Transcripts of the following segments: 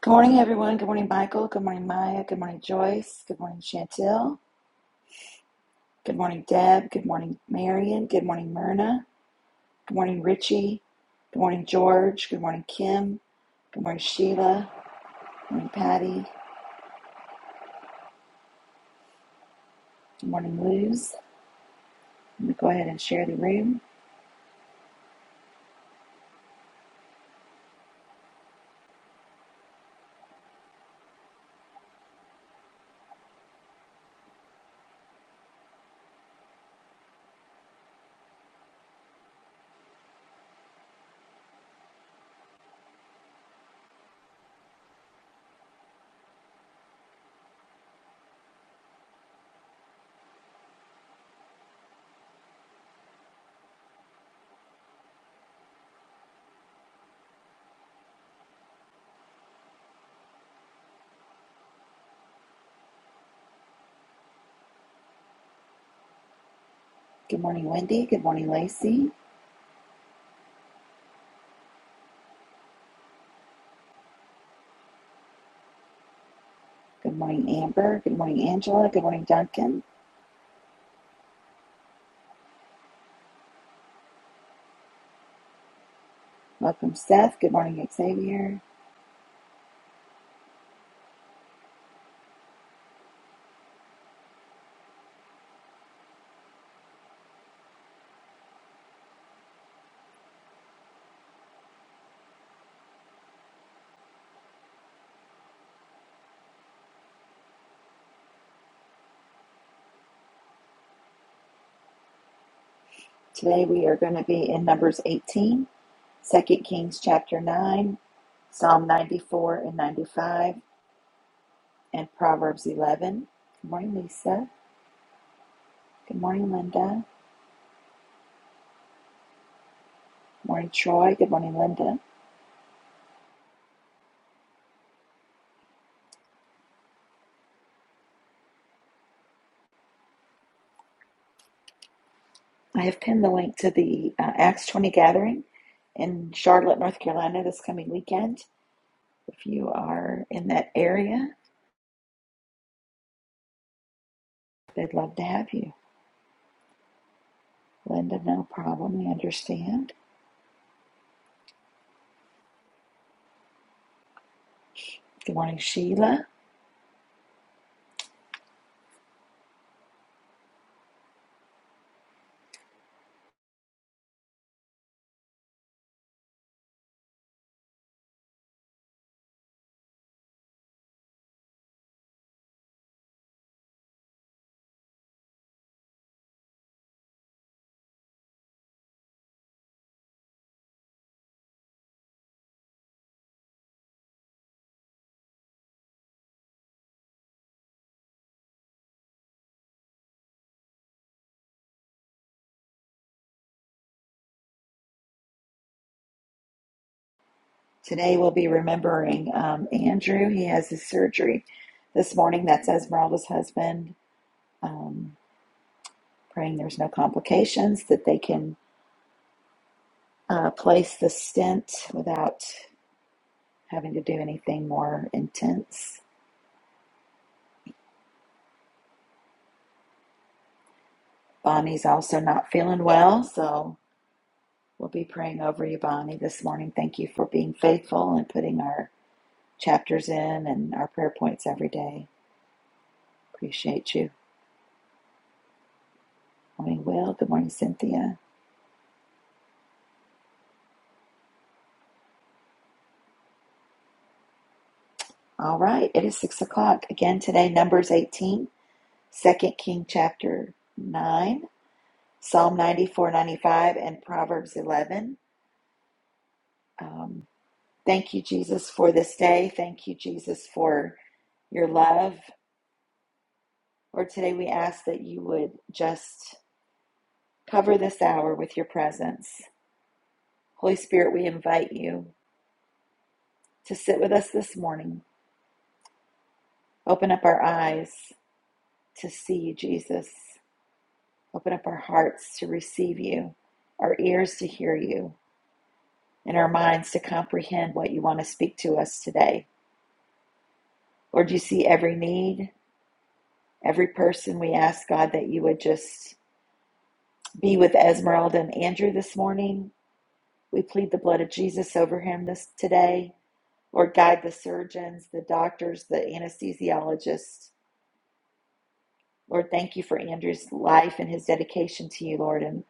Good morning, everyone. Good morning, Michael. Good morning, Maya. Good morning, Joyce. Good morning, Chantel. Good morning, Deb. Good morning, Marion. Good morning, Myrna. Good morning, Richie. Good morning, George. Good morning, Kim. Good morning, Sheila. Good morning, Patty. Good morning, Luz. I'm going to go ahead and share the room. Good morning, Wendy. Good morning, Lacey. Good morning, Amber. Good morning, Angela. Good morning, Duncan. Welcome, Seth. Good morning, Xavier. Today we are going to be in Numbers 18. Second Kings chapter 9, Psalm 94 and 95, and Proverbs 11. Good morning, Lisa. Good morning, Linda. Good morning, Troy. Good morning, Linda. I have pinned the link to the uh, Acts 20 gathering in Charlotte, North Carolina this coming weekend. If you are in that area, they'd love to have you. Linda, no problem. We understand. Good morning, Sheila. Today we'll be remembering um, Andrew. He has his surgery this morning. That's Esmeralda's husband. Um, praying there's no complications, that they can uh, place the stent without having to do anything more intense. Bonnie's also not feeling well, so we'll be praying over you, Bonnie, this morning. Thank you for being faithful and putting our chapters in and our prayer points every day. Appreciate you. Morning, Will. Good morning, Cynthia. All right, it is six o'clock. Again today, Numbers 18, Second King chapter 9, Psalm 94, 95, and Proverbs 11. Um, thank you, Jesus, for this day. Thank you, Jesus, for your love. Lord, today we ask that you would just cover this hour with your presence. Holy Spirit, we invite you to sit with us this morning. Open up our eyes to see you, Jesus. Open up our hearts to receive you, our ears to hear you, and our minds to comprehend what you want to speak to us today. Lord, you see every need, every person. We ask, God, that you would just be with Esmeralda and Andrew this morning. We plead the blood of Jesus over him this today. Lord, guide the surgeons, the doctors, the anesthesiologists. Lord, thank you for Andrew's life and his dedication to you, Lord, and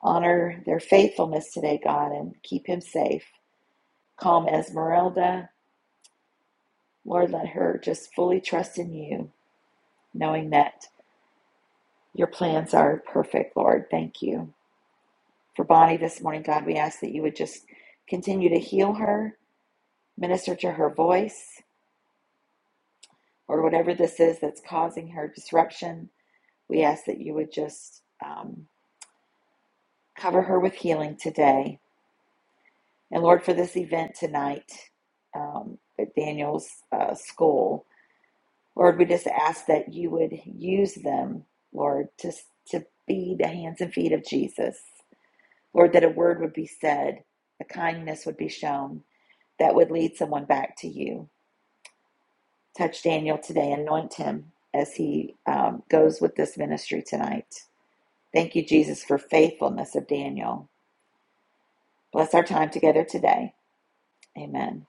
honor their faithfulness today, God, and keep him safe. Calm Esmeralda. Lord, let her just fully trust in you, knowing that your plans are perfect, Lord. Thank you. For Bonnie this morning, God, we ask that you would just continue to heal her, minister to her voice, or whatever this is that's causing her disruption. We ask that you would just um, cover her with healing today. And Lord, for this event tonight um, at Daniel's uh, school, Lord, we just ask that you would use them, Lord, to, to be the hands and feet of Jesus. Lord, that a word would be said, a kindness would be shown that would lead someone back to you. Touch Daniel today, anoint him as he um, goes with this ministry tonight. Thank you, Jesus, for faithfulness of Daniel. Bless our time together today. Amen.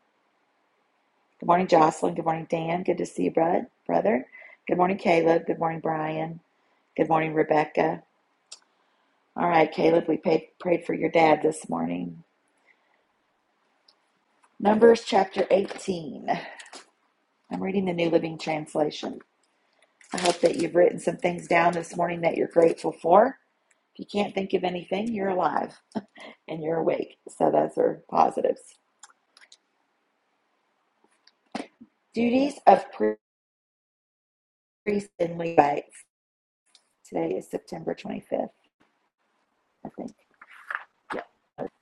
Good morning, Jocelyn. Good morning, Dan. Good to see you, bud, brother. Good morning, Caleb. Good morning, Brian. Good morning, Rebecca. All right, Caleb, we paid, prayed for your dad this morning. Numbers chapter 18. I'm reading the New Living Translation. I hope that you've written some things down this morning that you're grateful for. If you can't think of anything, you're alive and you're awake. So those are positives. Duties of priests and Levites. Today is September 25th, I think. Yeah.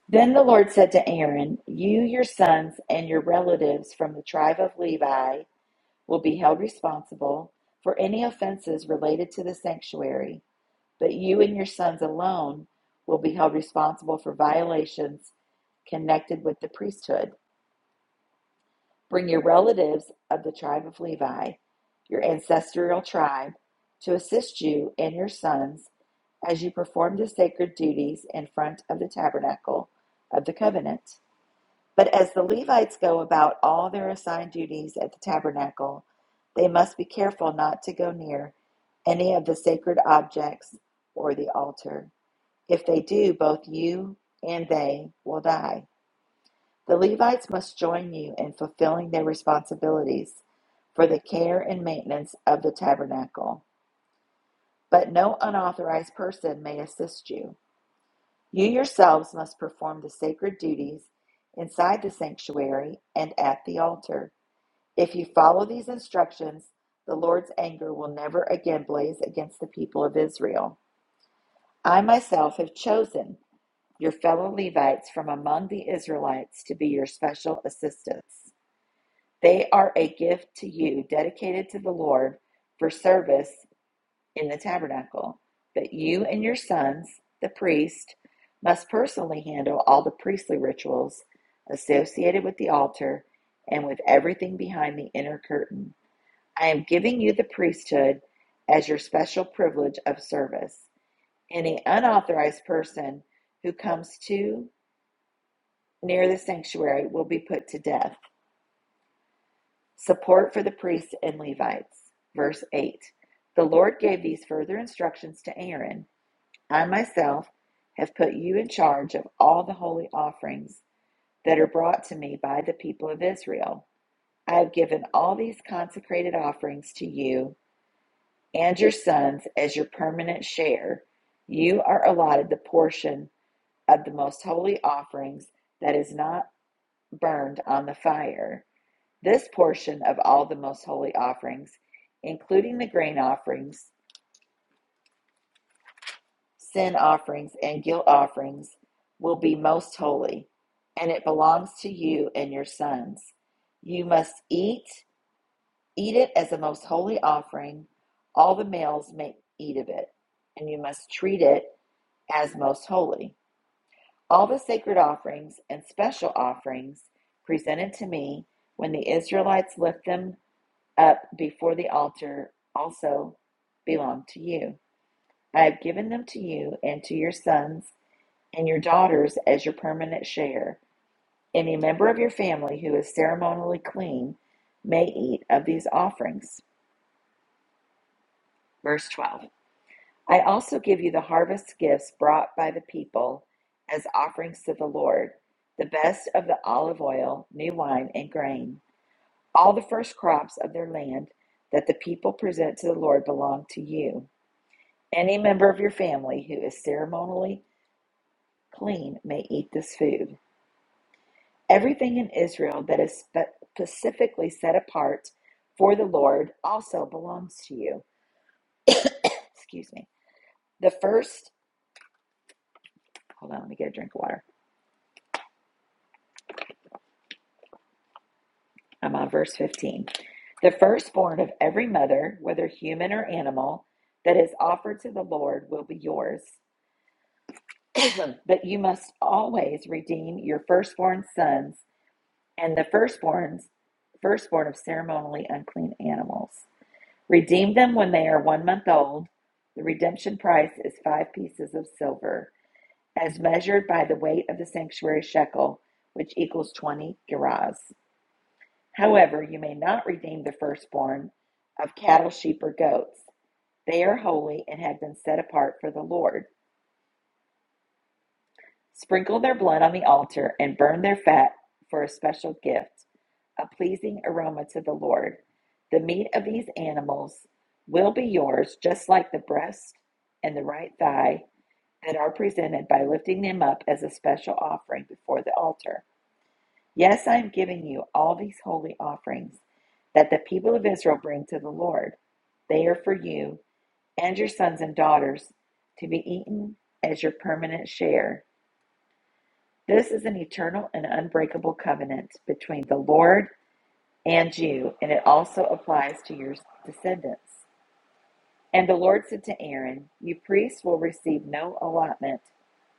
Then the Lord said to Aaron, You, your sons, and your relatives from the tribe of Levi will be held responsible for any offenses related to the sanctuary, but you and your sons alone will be held responsible for violations connected with the priesthood. Bring your relatives of the tribe of Levi, your ancestral tribe, to assist you and your sons as you perform the sacred duties in front of the tabernacle of the covenant. But as the Levites go about all their assigned duties at the tabernacle, they must be careful not to go near any of the sacred objects or the altar. If they do, both you and they will die. The Levites must join you in fulfilling their responsibilities for the care and maintenance of the tabernacle, but no unauthorized person may assist you. You yourselves must perform the sacred duties inside the sanctuary and at the altar. If you follow these instructions, the Lord's anger will never again blaze against the people of Israel. I myself have chosen your fellow Levites from among the Israelites to be your special assistants. They are a gift to you, dedicated to the Lord for service in the tabernacle. But you and your sons, the priest, must personally handle all the priestly rituals associated with the altar and with everything behind the inner curtain. I am giving you the priesthood as your special privilege of service. Any unauthorized person who comes too near the sanctuary will be put to death. Support for the priests and Levites. Verse 8 The Lord gave these further instructions to Aaron I myself have put you in charge of all the holy offerings that are brought to me by the people of Israel. I have given all these consecrated offerings to you and your sons as your permanent share, you are allotted the portion of the most holy offerings that is not burned on the fire. This portion of all the most holy offerings, including the grain offerings, sin offerings, and guilt offerings, will be most holy, and it belongs to you and your sons. You must eat, eat it as a most holy offering. All the males may eat of it, and you must treat it as most holy. All the sacred offerings and special offerings presented to me when the Israelites lift them up before the altar also belong to you. I have given them to you and to your sons and your daughters as your permanent share. Any member of your family who is ceremonially clean may eat of these offerings. Verse 12. I also give you the harvest gifts brought by the people as offerings to the Lord, the best of the olive oil, new wine, and grain. All the first crops of their land that the people present to the Lord belong to you. Any member of your family who is ceremonially clean may eat this food. Everything in Israel that is spe- specifically set apart for the Lord also belongs to you. Excuse me. The first, hold on, let me get a drink of water. I'm on verse 15. The firstborn of every mother, whether human or animal, that is offered to the Lord will be yours. But you must always redeem your firstborn sons and the firstborns, firstborn of ceremonially unclean animals. Redeem them when they are one month old. The redemption price is five pieces of silver, as measured by the weight of the sanctuary shekel, which equals 20 gerahs. However, you may not redeem the firstborn of cattle, sheep, or goats. They are holy and have been set apart for the Lord. Sprinkle their blood on the altar and burn their fat for a special gift, a pleasing aroma to the Lord. The meat of these animals will be yours, just like the breast and the right thigh that are presented by lifting them up as a special offering before the altar. Yes, I am giving you all these holy offerings that the people of Israel bring to the Lord. They are for you and your sons and daughters to be eaten as your permanent share. This is an eternal and unbreakable covenant between the Lord and you, and it also applies to your descendants. And the Lord said to Aaron, You priests will receive no allotment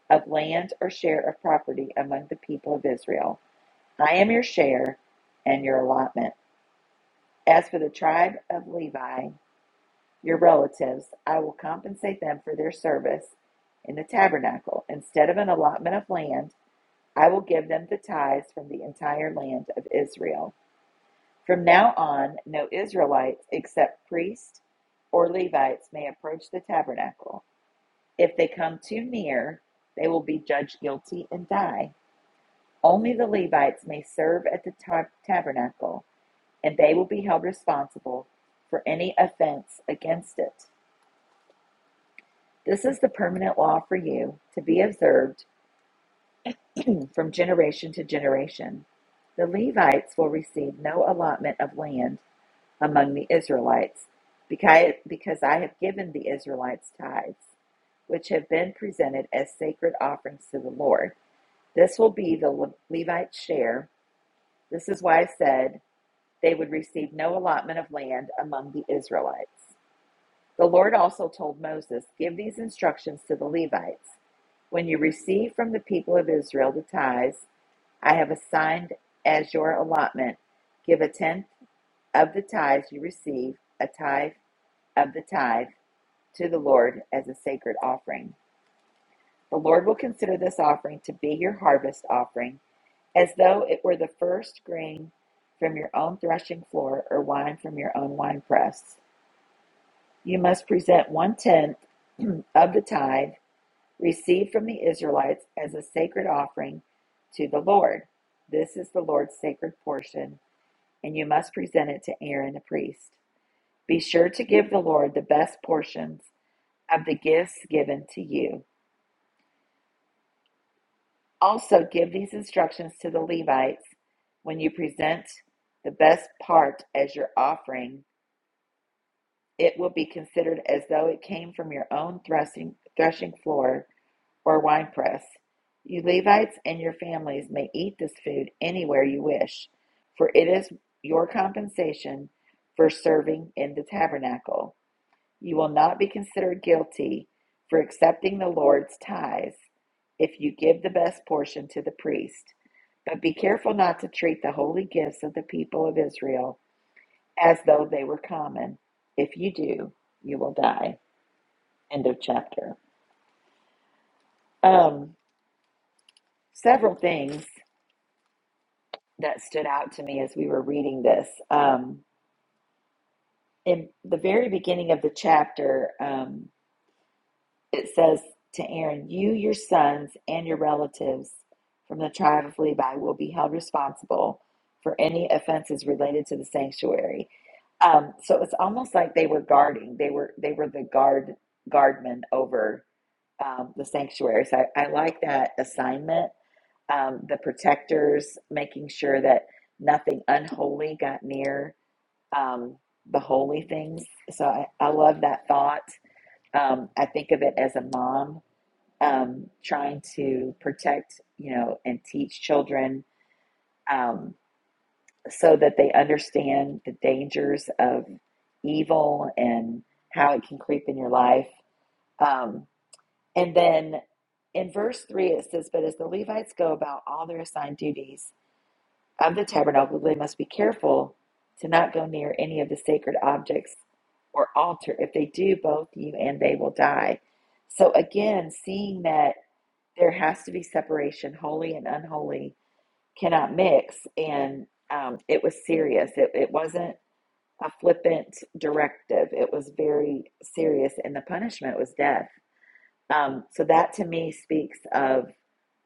of land or share of property among the people of Israel. I am your share and your allotment. As for the tribe of Levi, your relatives, I will compensate them for their service in the tabernacle. Instead of an allotment of land, I will give them the tithes from the entire land of Israel. From now on, no Israelites except priests or Levites may approach the tabernacle. If they come too near, they will be judged guilty and die. Only the Levites may serve at the tab- tabernacle. and they will be held responsible for any offense against it. This is the permanent law for you to be observed from generation to generation. The Levites will receive no allotment of land among the Israelites because I have given the Israelites tithes, which have been presented as sacred offerings to the Lord. This will be the Levites' share. This is why I said they would receive no allotment of land among the Israelites. The Lord also told Moses, Give these instructions to the Levites. When you receive from the people of Israel the tithes I have assigned as your allotment, give a tenth of the tithes you receive, a tithe of the tithe, to the Lord as a sacred offering. The Lord will consider this offering to be your harvest offering, as though it were the first grain from your own threshing floor or wine from your own winepress. You must present one tenth of the tithe received from the Israelites as a sacred offering to the Lord. This is the Lord's sacred portion, and you must present it to Aaron the priest. Be sure to give the Lord the best portions of the gifts given to you. Also, give these instructions to the Levites when you present the best part as your offering. It will be considered as though it came from your own threshing, threshing floor or winepress. You Levites and your families may eat this food anywhere you wish, for it is your compensation for serving in the tabernacle. You will not be considered guilty for accepting the Lord's tithes if you give the best portion to the priest. But be careful not to treat the holy gifts of the people of Israel as though they were common. If you do, you will die. End of chapter. Um, several things that stood out to me as we were reading this. Um, in the very beginning of the chapter, um, it says to Aaron, You, your sons, and your relatives from the tribe of Levi will be held responsible for any offenses related to the sanctuary. Um, so it's almost like they were guarding. They were they were the guard guardmen over um, the sanctuary. So I, I like that assignment. Um, the protectors, making sure that nothing unholy got near um, the holy things. So I, I love that thought. Um, I think of it as a mom um, trying to protect, you know, and teach children um, so that they understand the dangers of evil and how it can creep in your life. Um, and then in verse 3, it says, But as the Levites go about all their assigned duties, of the tabernacle, they must be careful to not go near any of the sacred objects or altar. If they do, both you and they will die. So, again, seeing that there has to be separation, holy and unholy cannot mix. And um, it was serious, it, it wasn't a flippant directive, it was very serious. And the punishment was death. Um, so, that to me speaks of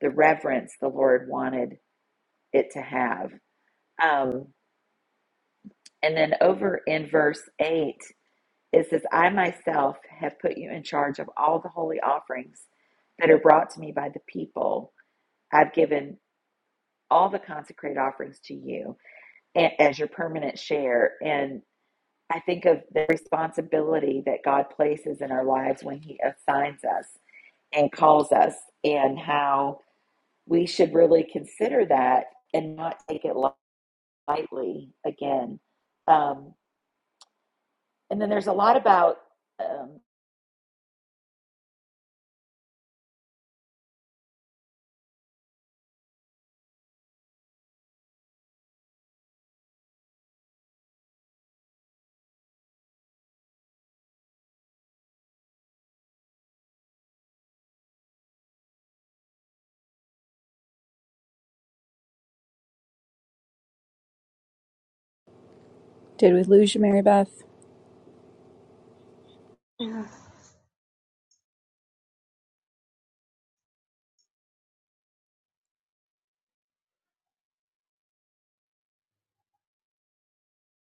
the reverence the Lord wanted it to have. Um, And then over in verse 8, it says, I myself have put you in charge of all the holy offerings that are brought to me by the people. I've given all the consecrated offerings to you as your permanent share. And I think of the responsibility that God places in our lives when He assigns us and calls us, and how we should really consider that and not take it lightly again. Um, and then there's a lot about. um, Did we lose you, Mary Beth? Yeah.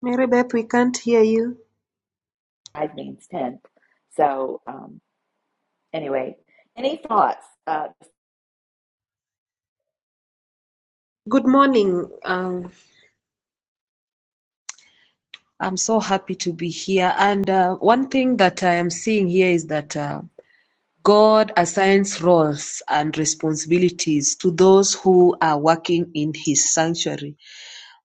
Mary Beth, we can't hear you. five means ten. So um, anyway, any thoughts? Uh, Good morning. Um, I'm so happy to be here. And uh, one thing that I am seeing here is that uh, God assigns roles and responsibilities to those who are working in His sanctuary.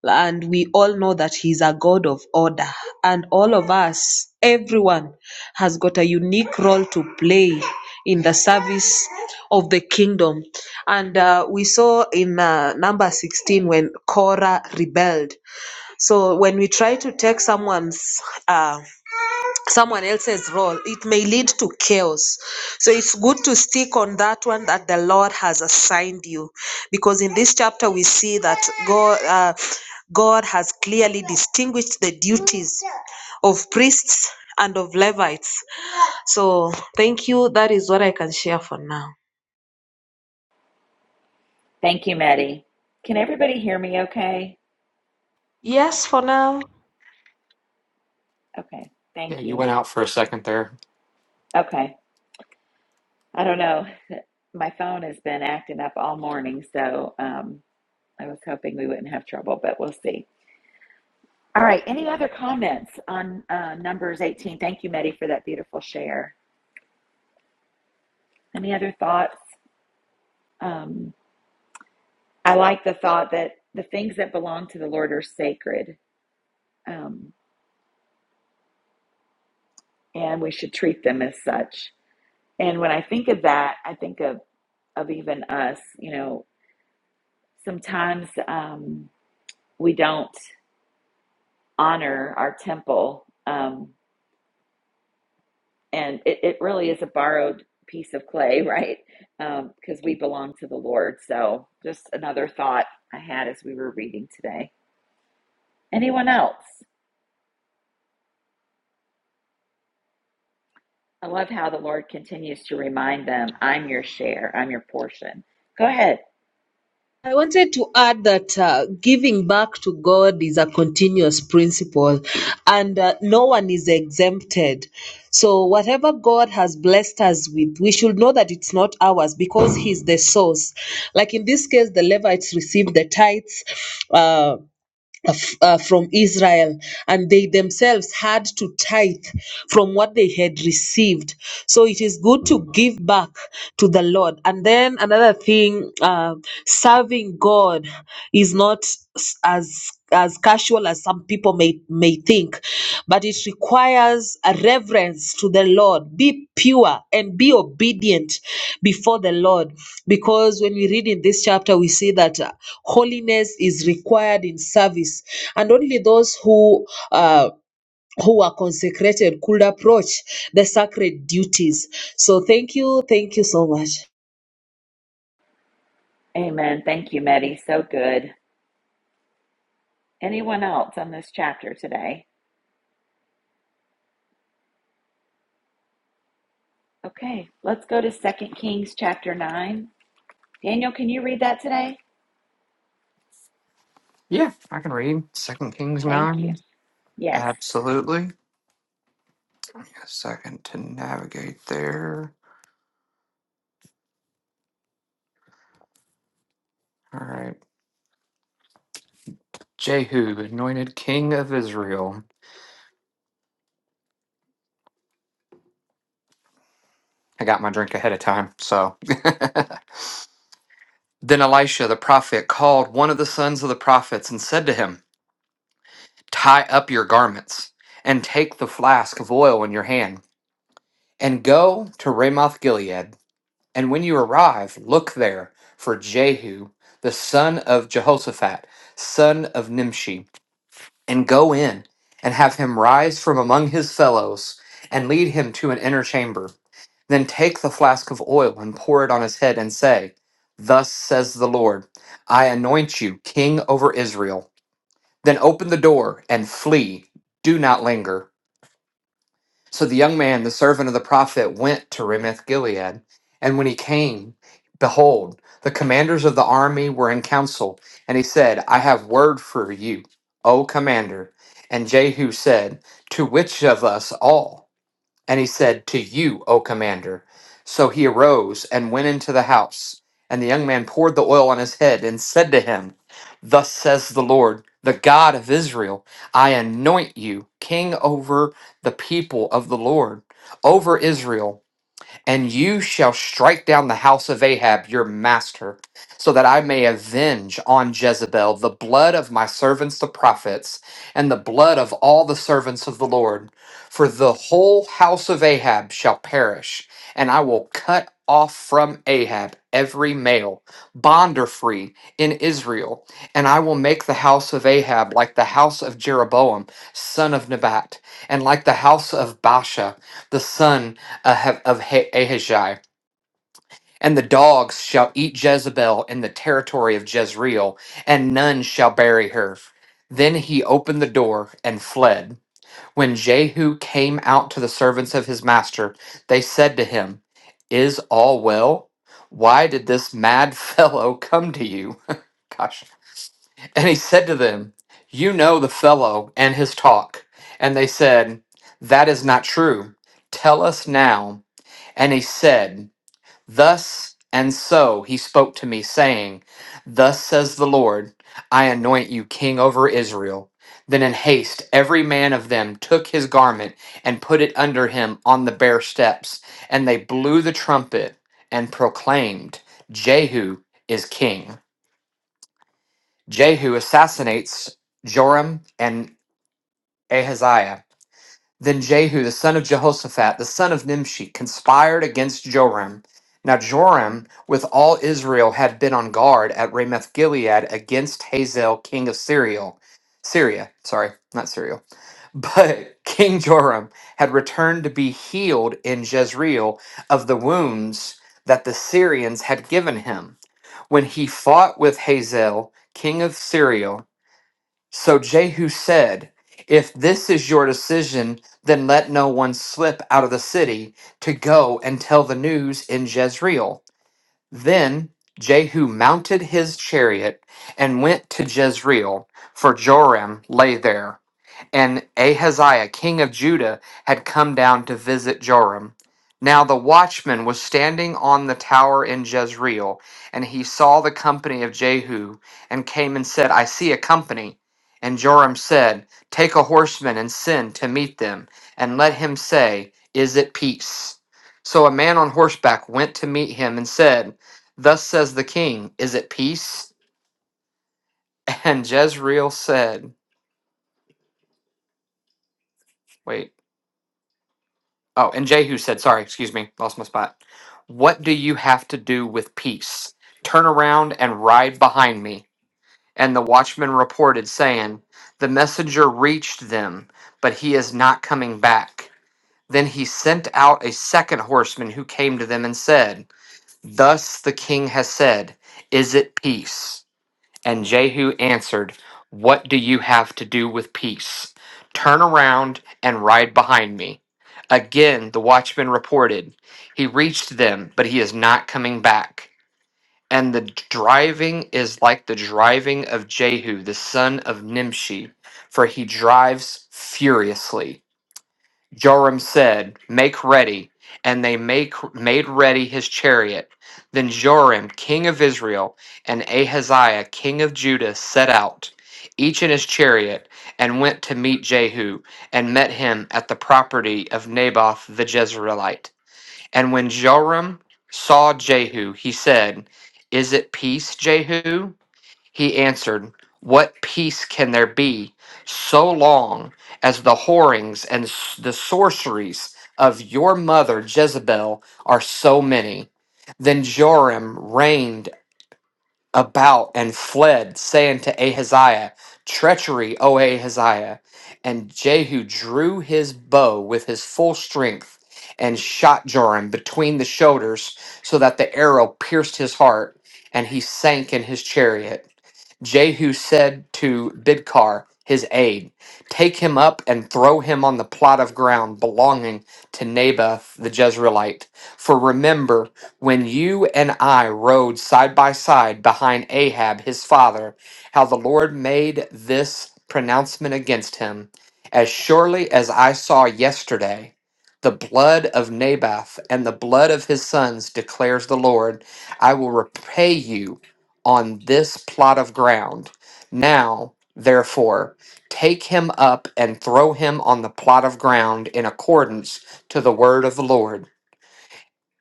And we all know that He's a God of order. And all of us, everyone, has got a unique role to play in the service of the kingdom. And uh, we saw in uh, number 16 when Korah rebelled. So when we try to take someone's. Uh, someone else's role, it may lead to chaos. So it's good to stick on that one that the Lord has assigned you, because in this chapter we see that God, uh, God has clearly distinguished the duties of priests and of Levites. So thank you. That is what I can share for now. thank you, Maddie. Can everybody hear me? Okay. Yes, for now. Okay. Yeah, Thank you you. went out for a second there. Okay. I don't know. My phone has been acting up all morning, so um, I was hoping we wouldn't have trouble, but we'll see. All right. Any other comments on uh, Numbers 18? Thank you, Maddie, for that beautiful share. Any other thoughts? Um, I like the thought that the things that belong to the Lord are sacred. Um, and we should treat them as such. And when I think of that, I think of, of even us, you know, sometimes um, we don't honor our temple. Um, and it, it really is a borrowed piece of clay, right? Um, Because we belong to the Lord. So just another thought I had as we were reading today. Anyone else? I love how the Lord continues to remind them, I'm your share, I'm your portion. Go ahead. I wanted to add that uh, giving back to God is a continuous principle and uh, no one is exempted. So, whatever God has blessed us with, we should know that it's not ours because He's the source. Like in this case, the Levites received the tithes. Uh, uh, f- uh, from Israel, and they themselves had to tithe from what they had received. So it is good to give back to the Lord. And then another thing, uh, serving God is not s- as as casual as some people people may, may think, but it requires a reverence to the Lord. Be pure and be obedient before the Lord. Because when we read in this chapter, we see that uh, holiness is required in service, and only those who uh, who are consecrated could approach the sacred duties. So thank you, thank you so much. Amen. Thank you, Meddy. So good. Anyone else on this chapter today? Okay, let's go to Second Kings chapter 9. Daniel, can you read that today? Yeah, I can read Second Kings Thank you. nine. Yes. Absolutely. Give me a second to navigate there. All right. Jehu, anointed king of Israel. I got my drink ahead of time, so. then Elisha the prophet called one of the sons of the prophets and said to him, Tie up your garments and take the flask of oil in your hand and go to Ramoth Gilead. And when you arrive, look there for Jehu, the son of Jehoshaphat, son of Nimshi, and go in and have him rise from among his fellows and lead him to an inner chamber. Then take the flask of oil and pour it on his head and say, Thus says the Lord, I anoint you king over Israel. Then open the door and flee. Do not linger. So the young man, the servant of the prophet, went to Ramoth Gilead. And when he came, behold, the commanders of the army were in council. And he said, I have word for you, O commander. And Jehu said, To which of us all? And he said, To you, O commander. So he arose and went into the house. And the young man poured the oil on his head and said to him, Thus says the Lord, the God of Israel, I anoint you king over the people of the Lord, over Israel and you shall strike down the house of Ahab, your master, so that I may avenge on Jezebel the blood of my servants the prophets, and the blood of all the servants of the Lord. For the whole house of Ahab shall perish, and I will cut off from Ahab every male, bond or free, in Israel, and I will make the house of Ahab like the house of Jeroboam, son of Nebat, and like the house of Baasha, the son ahe- of Ha- Ahijah. And the dogs shall eat Jezebel in the territory of Jezreel, and none shall bury her. Then he opened the door and fled. When Jehu came out to the servants of his master, they said to him, Is all well? Why did this mad fellow come to you? Gosh. And he said to them, You know the fellow and his talk. And they said, That is not true. Tell us now. And he said, Thus and so he spoke to me, saying, Thus says the Lord, I anoint you king over Israel. Then in haste every man of them took his garment and put it under him on the bare steps, and they blew the trumpet and proclaimed, Jehu is king. Jehu assassinates Joram and Ahaziah. Then Jehu, the son of Jehoshaphat, the son of Nimshi, conspired against Joram. Now Joram, with all Israel, had been on guard at Ramoth Gilead against Hazael, king of Syria. Syria, sorry, not Syria. But King Joram had returned to be healed in Jezreel of the wounds that the Syrians had given him. When he fought with Hazael, king of Syria, so Jehu said, If this is your decision, then let no one slip out of the city to go and tell the news in Jezreel. Then Jehu mounted his chariot and went to Jezreel, for Joram lay there and Ahaziah, king of Judah, had come down to visit Joram. Now the watchman was standing on the tower in Jezreel, and he saw the company of Jehu, and came and said, I see a company. And Joram said, Take a horseman and send to meet them, and let him say, Is it peace? So a man on horseback went to meet him and said, Thus says the king, Is it peace? And Jezreel said, Wait. Oh, and Jehu said, sorry, excuse me, lost my spot. What do you have to do with peace? Turn around and ride behind me. And the watchman reported, saying, The messenger reached them, but he is not coming back. Then he sent out a second horseman who came to them and said, Thus the king has said, Is it peace? And Jehu answered, What do you have to do with peace? Turn around and ride behind me. Again, the watchman reported, He reached them, but he is not coming back. And the driving is like the driving of Jehu, the son of Nimshi, for he drives furiously. Joram said, Make ready. And they make, made ready his chariot. Then Joram, king of Israel, and Ahaziah, king of Judah, set out, each in his chariot, and went to meet Jehu, and met him at the property of Naboth the Jezreelite. And when Joram saw Jehu, he said, Is it peace, Jehu? He answered, What peace can there be so long as the whorings and s- the sorceries of your mother Jezebel are so many? Then Joram reigned about and fled, saying to Ahaziah, Treachery, O Ahaziah. And Jehu drew his bow with his full strength and shot Joram between the shoulders, so that the arrow pierced his heart, and he sank in his chariot. Jehu said to Bidkar, his aide, Take him up and throw him on the plot of ground belonging to Naboth the Jezreelite. For remember, when you and I rode side by side behind Ahab his father, how the Lord made this pronouncement against him. As surely as I saw yesterday, the blood of Naboth and the blood of his sons declares the Lord, I will repay you on this plot of ground. Now, therefore, take him up and throw him on the plot of ground in accordance to the word of the Lord.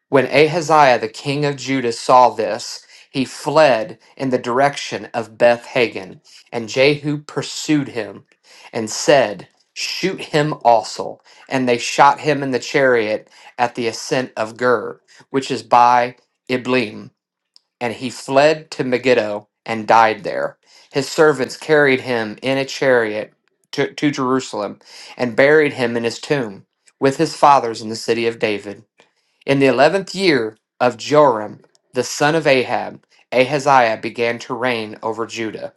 When Ahaziah the king of Judah saw this, he fled in the direction of Beth Hagan, and Jehu pursued him and said, Shoot him also. And they shot him in the chariot at the ascent of Gur, which is by Iblim and he fled to Megiddo and died there. His servants carried him in a chariot to, to Jerusalem and buried him in his tomb with his fathers in the city of David. In the eleventh year of Joram, the son of Ahab, Ahaziah began to reign over Judah.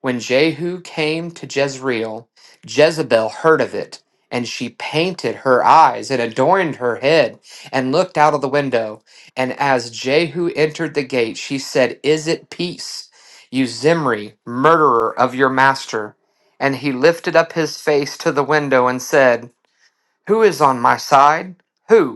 When Jehu came to Jezreel, Jezebel heard of it, and she painted her eyes and adorned her head and looked out of the window. And as Jehu entered the gate, she said, Is it peace, you Zimri, murderer of your master? And he lifted up his face to the window and said, Who is on my side? Who?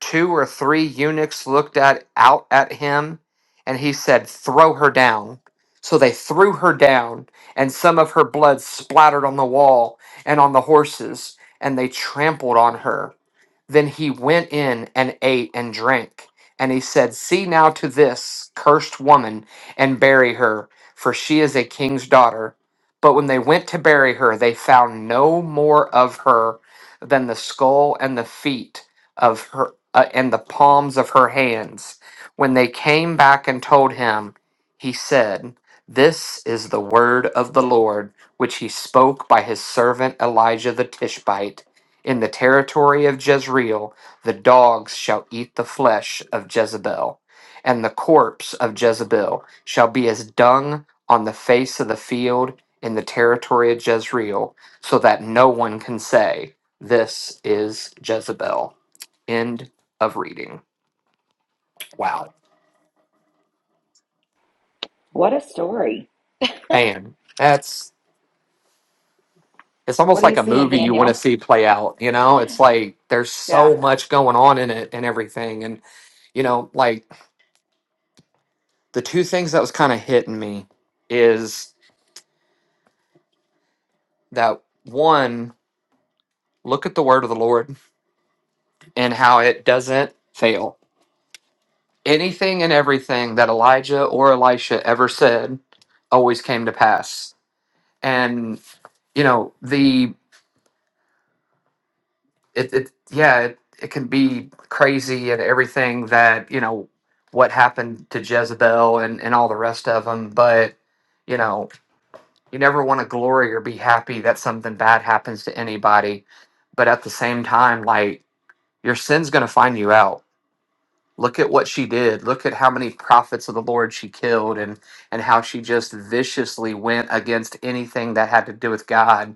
two or three eunuchs looked at out at him and he said throw her down so they threw her down and some of her blood splattered on the wall and on the horses and they trampled on her then he went in and ate and drank. And he said, See now to this cursed woman and bury her, for she is a king's daughter. But when they went to bury her, they found no more of her than the skull and the feet of her uh, and the palms of her hands. When they came back and told him, he said, This is the word of the Lord, which he spoke by his servant Elijah the Tishbite. In the territory of Jezreel, the dogs shall eat the flesh of Jezebel, and the corpse of Jezebel shall be as dung on the face of the field in the territory of Jezreel, so that no one can say, This is Jezebel. End of reading. Wow. What a story. Man, that's. It's almost What are you like a seeing, movie you want to Daniel? see play out, you know? It's like there's Yeah. so much going on in it and everything. And, you know, like the two things that was kind of hitting me is that one look at the word of the lord and how it doesn't fail anything and everything that elijah or elisha ever said always came to pass and you know the it, it yeah it, it can be crazy and everything that you know what happened to jezebel and and all the rest of them but you know. You never want to glory or be happy that something bad happens to anybody. But at the same time, like your sin's going to find you out. Look at what she did. Look at how many prophets of the Lord she killed and and how she just viciously went against anything that had to do with God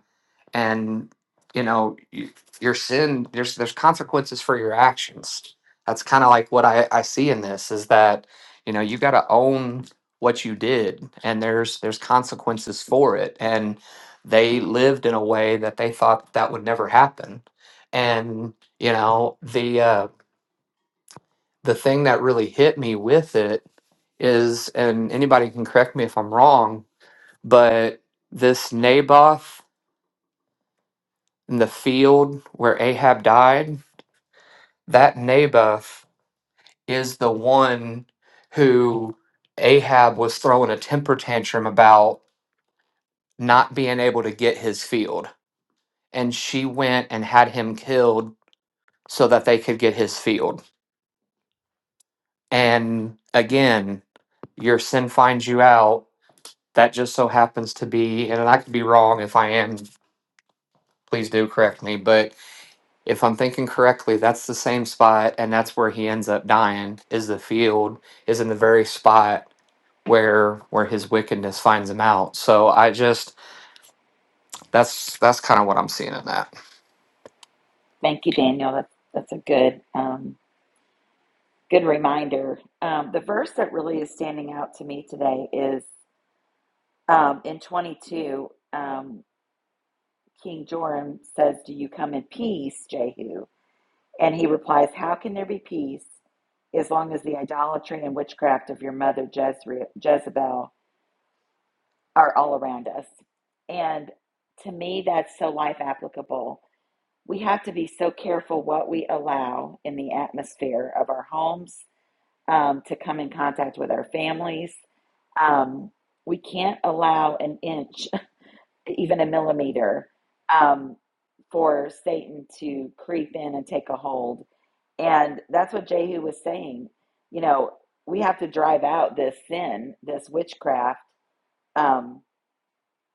and you know y- your sin there's there's consequences for your actions that's kind of like what I, I see in this is that you know you got to own what you did and there's there's consequences for it and they lived in a way that they thought that would never happen and you know the uh the thing that really hit me with it is and anybody can correct me if i'm wrong but this naboth in the field where Ahab died, that Naboth is the one who Ahab was throwing a temper tantrum about not being able to get his field. And she went and had him killed so that they could get his field. And again, your sin finds you out. That just so happens to be, and I could be wrong if I am, please do correct me, but if I'm thinking correctly, that's the same spot, and that's where he ends up dying. Is the field is in the very spot where where his wickedness finds him out. So I just that's that's kind of what I'm seeing in that. Thank you, Daniel. That's, that's a good, um, good reminder. Um, the verse that really is standing out to me today is um, in 22, um, King Joram says, Do you come in peace, Jehu? And he replies, How can there be peace as long as the idolatry and witchcraft of your mother Jezebel are all around us? And to me, that's so life applicable. We have to be so careful what we allow in the atmosphere of our homes um, to come in contact with our families. Um, we can't allow an inch even a millimeter, um, for Satan to creep in and take a hold. And that's what Jehu was saying. You know, we have to drive out this sin, this witchcraft. Um,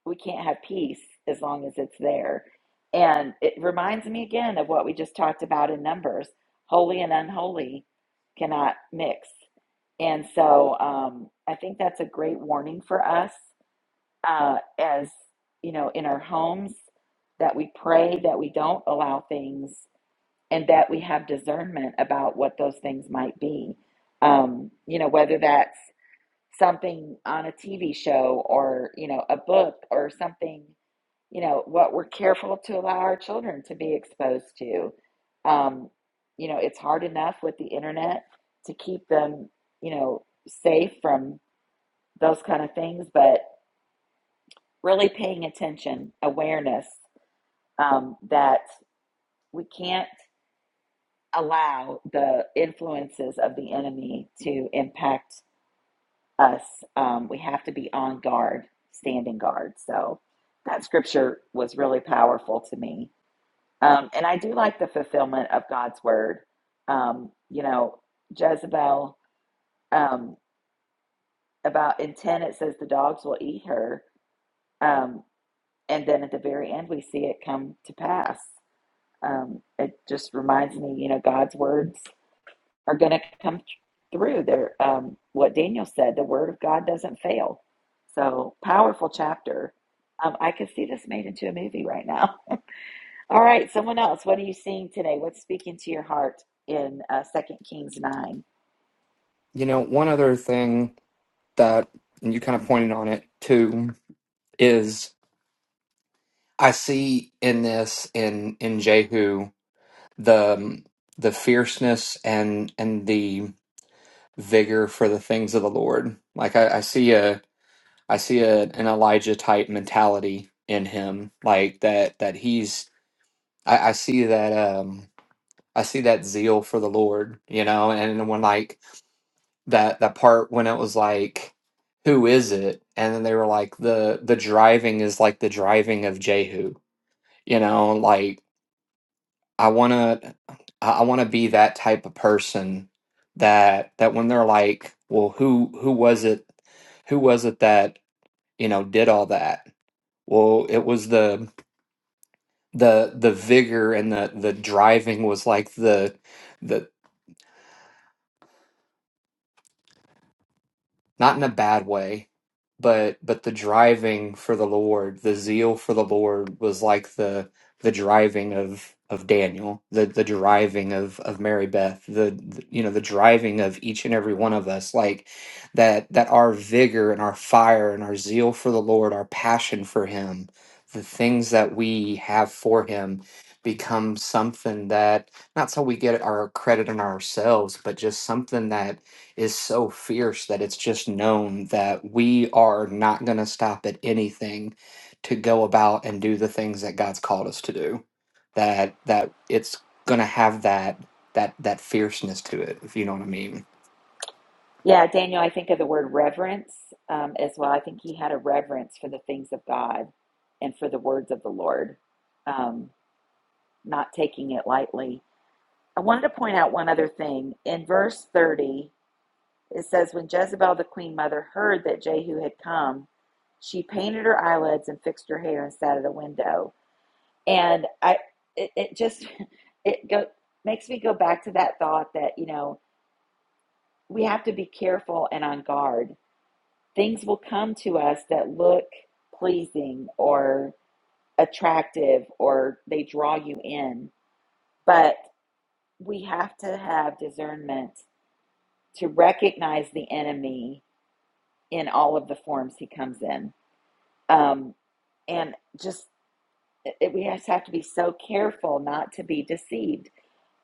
we can't have peace as long as it's there. And it reminds me again of what we just talked about in Numbers holy and unholy cannot mix. And so um, I think that's a great warning for us uh, as you know, in our homes, that we pray, that we don't allow things, and that we have discernment about what those things might be. Um, you know, whether that's something on a TV show or, you know, a book or something, you know, what we're careful to allow our children to be exposed to. Um, you know, it's hard enough with the internet to keep them, you know, safe from those kind of things, but really paying attention, awareness um, that we can't allow the influences of the enemy to impact us. Um, we have to be on guard, standing guard. So that scripture was really powerful to me. Um, and I do like the fulfillment of God's word. Um, you know, Jezebel, um, about in 10, it says the dogs will eat her. Um, and then at the very end, we see it come to pass. Um, it just reminds me, you know, God's words are going to come through. There, um, what Daniel said, the word of God doesn't fail. So powerful chapter. Um, I could see this made into a movie right now. All right, someone else. What are you seeing today? What's speaking to your heart in uh, Second Kings nine? You know, one other thing that and you kind of pointed on it too is I see in this in in Jehu the the fierceness and and the vigor for the things of the Lord. Like I, I see a I see a, an Elijah type mentality in him, like that that he's I, I see that um I see that zeal for the Lord, you know, and when like that that part when it was like who is it? And then they were like the the driving is like the driving of Jehu, you know, like I wanna I I wanna be that type of person that that when they're like, well who who was it who was it that, you know, did all that? Well, it was the the the vigor and the the driving was like the the not in a bad way, but but the driving for the Lord, the zeal for the Lord was like the the driving of of Daniel, the the driving of of Mary Beth, the, the you know the driving of each and every one of us, like that that our vigor and our fire and our zeal for the Lord, our passion for Him, the things that we have for Him become something that not so we get our credit in ourselves, but just something that is so fierce that it's just known that we are not going to stop at anything to go about and do the things that God's called us to do. That that it's going to have that that that fierceness to it, if you know what I mean. Yeah, Daniel, I think of the word reverence um, as well. I think he had a reverence for the things of God and for the words of the Lord, um, not taking it lightly. I wanted to point out one other thing. In verse 30, it says, When Jezebel the queen mother heard that Jehu had come, she painted her eyelids and fixed her hair and sat at a window. And I, it, it just, it go, makes me go back to that thought that, you know, we have to be careful and on guard things will come to us that look pleasing or attractive or they draw you in. But we have to have discernment to recognize the enemy in all of the forms he comes in. Um, and just it, we just have to be so careful not to be deceived.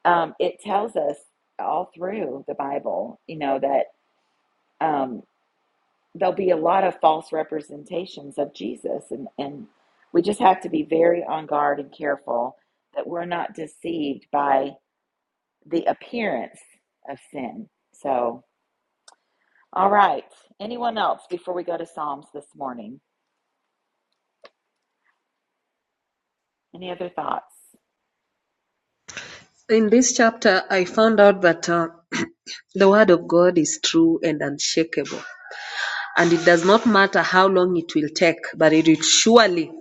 Um, it tells us all through the Bible, you know, that. Um, there'll be a lot of false representations of Jesus and, and we just have to be very on guard and careful that we're not deceived by the appearance of sin. So, all right. Anyone else before we go to Psalms this morning? Any other thoughts? In this chapter, I found out that uh, the word of God is true and unshakable. and it does not matter how long it will take, but it will surely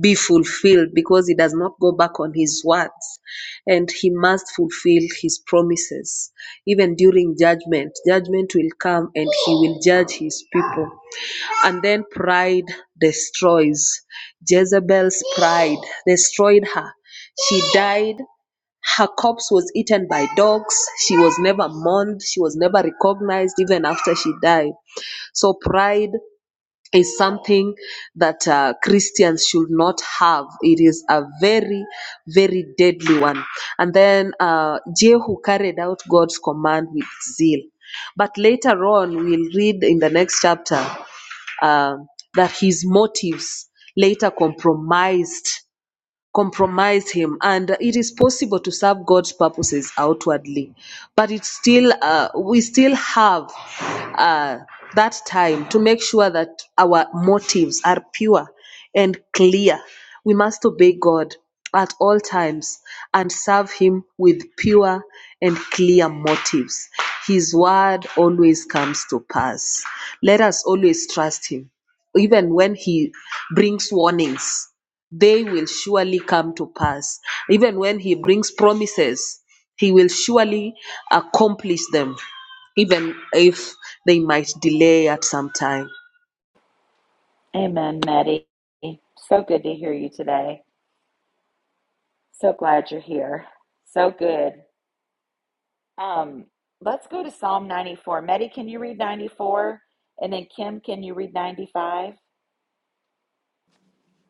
be fulfilled because he does not go back on his words and he must fulfill his promises. Even during judgment, judgment will come and he will judge his people. And then pride destroys. Jezebel's pride destroyed her. She died. Her corpse was eaten by dogs. She was never mourned. She was never recognized, even after she died. So pride is something that uh, Christians should not have. It is a very, very deadly one. And then uh, Jehu carried out God's command with zeal. But later on, we'll read in the next chapter um that his motives later compromised compromise him and it is possible to serve god's purposes outwardly but it's still uh, we still have uh, that time to make sure that our motives are pure and clear we must obey god at all times and serve him with pure and clear motives his word always comes to pass let us always trust him even when he brings warnings they will surely come to pass. Even when He brings promises, He will surely accomplish them, even if they might delay at some time. Amen, Maddie. So good to hear you today. So glad you're here. So good. Um, let's go to Psalm 94. Maddie, can you read 94? And then Kim, can you read 95?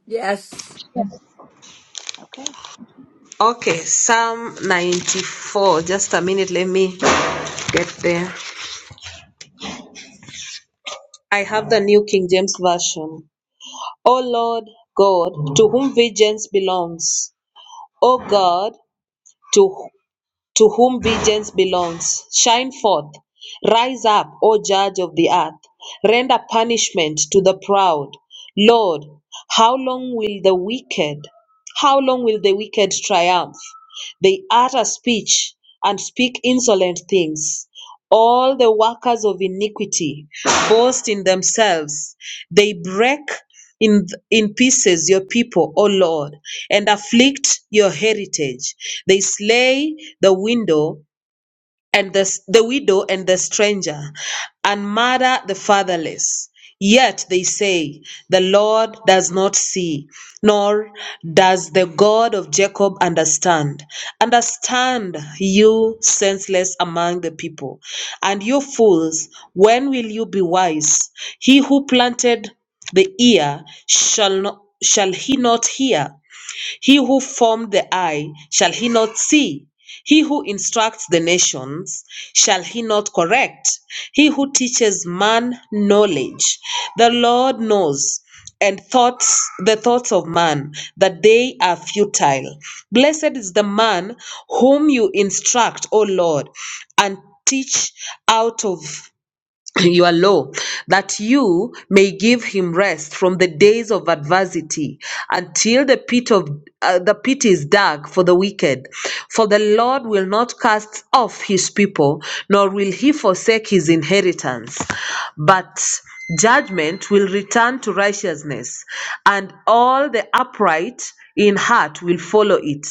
Yes. Okay. Okay, Psalm 94. Just a minute, let me get there. I have the New King James Version. O Lord God, to whom vengeance belongs, O God, to To whom vengeance belongs, shine forth! Rise up, O Judge of the earth! Render punishment to the proud! Lord, how long will the wicked, how long will the wicked triumph? They utter speech and speak insolent things. All the workers of iniquity boast in themselves. They break in, in pieces your people, O Lord, and afflict your heritage. They slay the window and the, the widow and the stranger, and murder the fatherless. Yet they say, The Lord does not see, nor does the God of Jacob understand. Understand, you senseless among the people, and you fools, when will you be wise? He who planted the ear shall not shall he not hear he who formed the eye, shall he not see? He who instructs the nations, shall he not correct? He who teaches man knowledge. The Lord knows and thoughts the thoughts of man that they are futile blessed is the man whom you instruct o lord and teach out of you are low, that you may give him rest from the days of adversity until the pit of uh, the pit is dark for the wicked for the lord will not cast off his people nor will he forsake his inheritance but judgment will return to righteousness and all the upright in heart will follow it.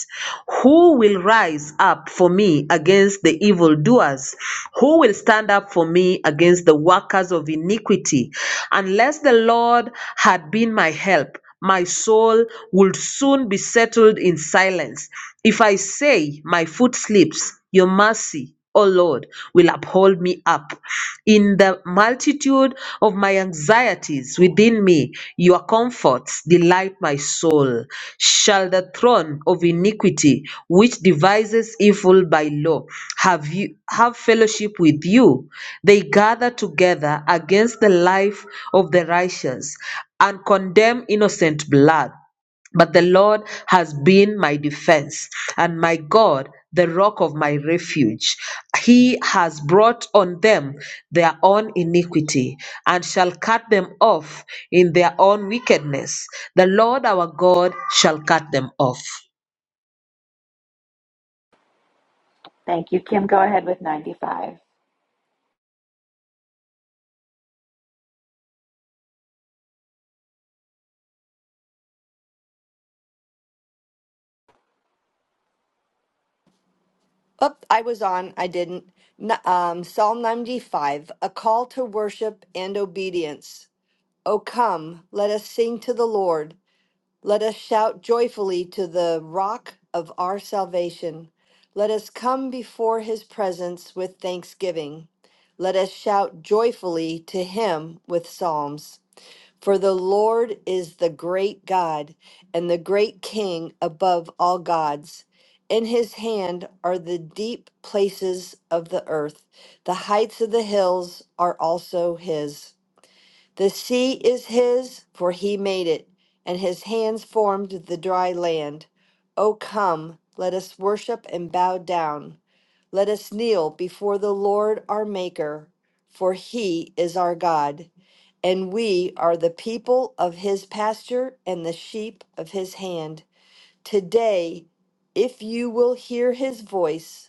Who will rise up for me against the evildoers? Who will stand up for me against the workers of iniquity? Unless the Lord had been my help, my soul would soon be settled in silence. If I say, My foot slips, your mercy O Lord, will uphold me up. In the multitude of my anxieties within me, your comforts delight my soul. Shall the throne of iniquity, which devises evil by law, have you have fellowship with you? They gather together against the life of the righteous and condemn innocent blood. But the Lord has been my defense and my God, the rock of my refuge. He has brought on them their own iniquity and shall cut them off in their own wickedness. The Lord our God shall cut them off. Thank you, Kim. Go ahead with 95. Oh, I was on. I didn't. N- Um, Psalm 95, a call to worship and obedience. O come, let us sing to the Lord. Let us shout joyfully to the rock of our salvation. Let us come before his presence with thanksgiving. Let us shout joyfully to him with psalms. For the Lord is the great God and the great King above all gods. In his hand are the deep places of the earth, the heights of the hills are also his. The sea is his, for he made it, and his hands formed the dry land. O come, let us worship and bow down. Let us kneel before the Lord our Maker, for he is our God, and we are the people of his pasture and the sheep of his hand. Today, if you will hear his voice,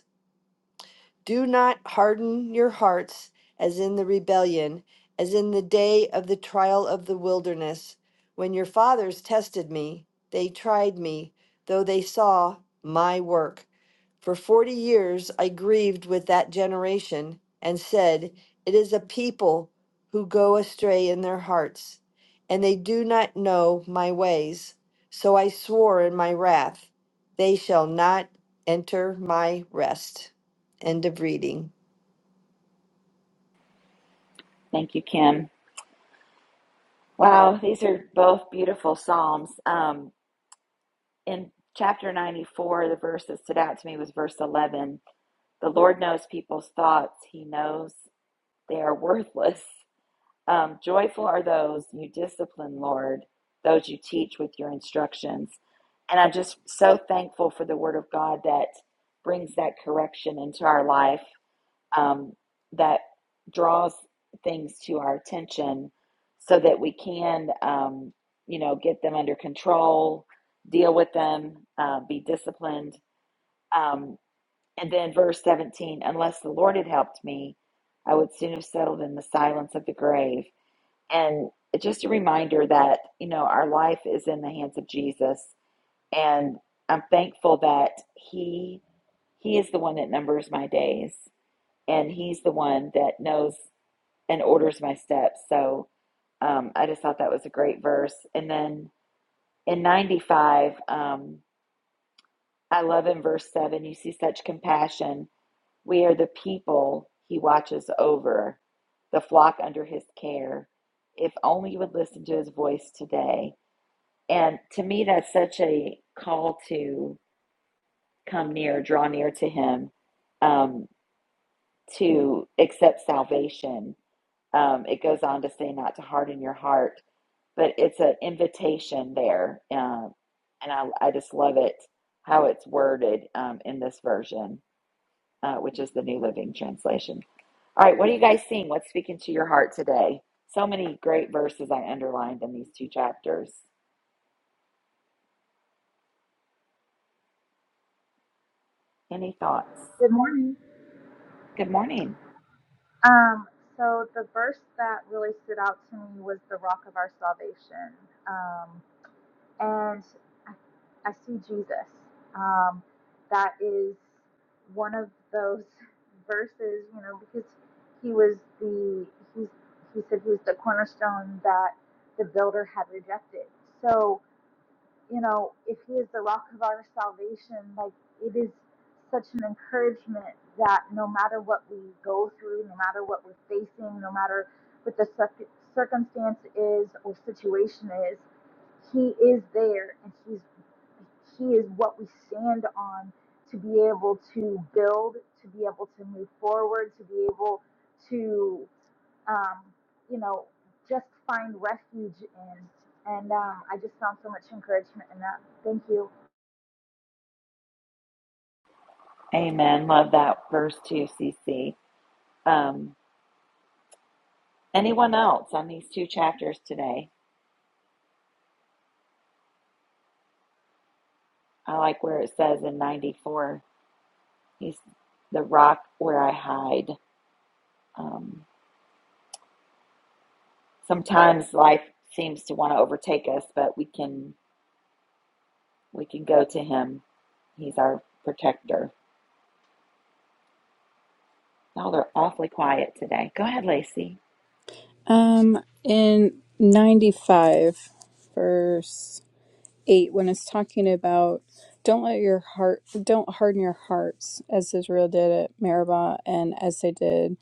do not harden your hearts as in the rebellion, as in the day of the trial of the wilderness, when your fathers tested me. They tried me, though they saw my work. For forty years I grieved with that generation and said, It is a people who go astray in their hearts, and they do not know my ways. So I swore in my wrath, They shall not enter my rest. End of reading. Thank you, Kim. Wow, these are both beautiful Psalms. Um, in chapter 94, the verse that stood out to me was verse 11. The Lord knows people's thoughts, He knows they are worthless. Um, joyful are those you discipline, Lord, those you teach with your instructions. And I'm just so thankful for the Word of God that brings that correction into our life um, that draws things to our attention so that we can, um, you know, get them under control, deal with them, uh, be disciplined. Um, and then verse 17, unless the Lord had helped me, I would soon have settled in the silence of the grave. And it's just a reminder that, you know, our life is in the hands of Jesus. And I'm thankful that He He is the one that numbers my days and he's the one that knows and orders my steps. So um, I just thought that was a great verse. And then in 95, um, I love in verse 7, you see such compassion. We are the people he watches over, the flock under his care. If only you would listen to his voice today. And to me, that's such a call to come near, draw near to him, um, to accept salvation. Um, it goes on to say, not to harden your heart but it's an invitation there. Um, and I, I just love it how it's worded um, in this version, uh, which is the New Living Translation. All right, what are you guys seeing? What's speaking to your heart today? So many great verses I underlined in these two chapters. Any thoughts? Good morning. Good morning. Um, so the verse that really stood out to me was the rock of our salvation. Um, and I, I see Jesus. Um, that is one of those verses, you know, because he was the, he's, he said he was the cornerstone that the builder had rejected. So, you know, if He is the rock of our salvation, like it is such an encouragement that no matter what we go through, no matter what we're facing, no matter what the circ- circumstance is or situation is, He is there and He's He is what we stand on to be able to build, to be able to move forward, to be able to um, you know, just find refuge in. And um, I just found so much encouragement in that. Thank you. Amen. Love that verse too, CC. Um, anyone else on these two chapters today? I like where it says in 94, he's the rock where I hide. Um, Sometimes life seems to want to overtake us, but we can we can go to him. He's our protector. Y'all are awfully quiet today. Go ahead, Lacey. Um, in 95, verse 8, when it's talking about don't let your heart, don't harden your hearts as Israel did at Meribah and as they did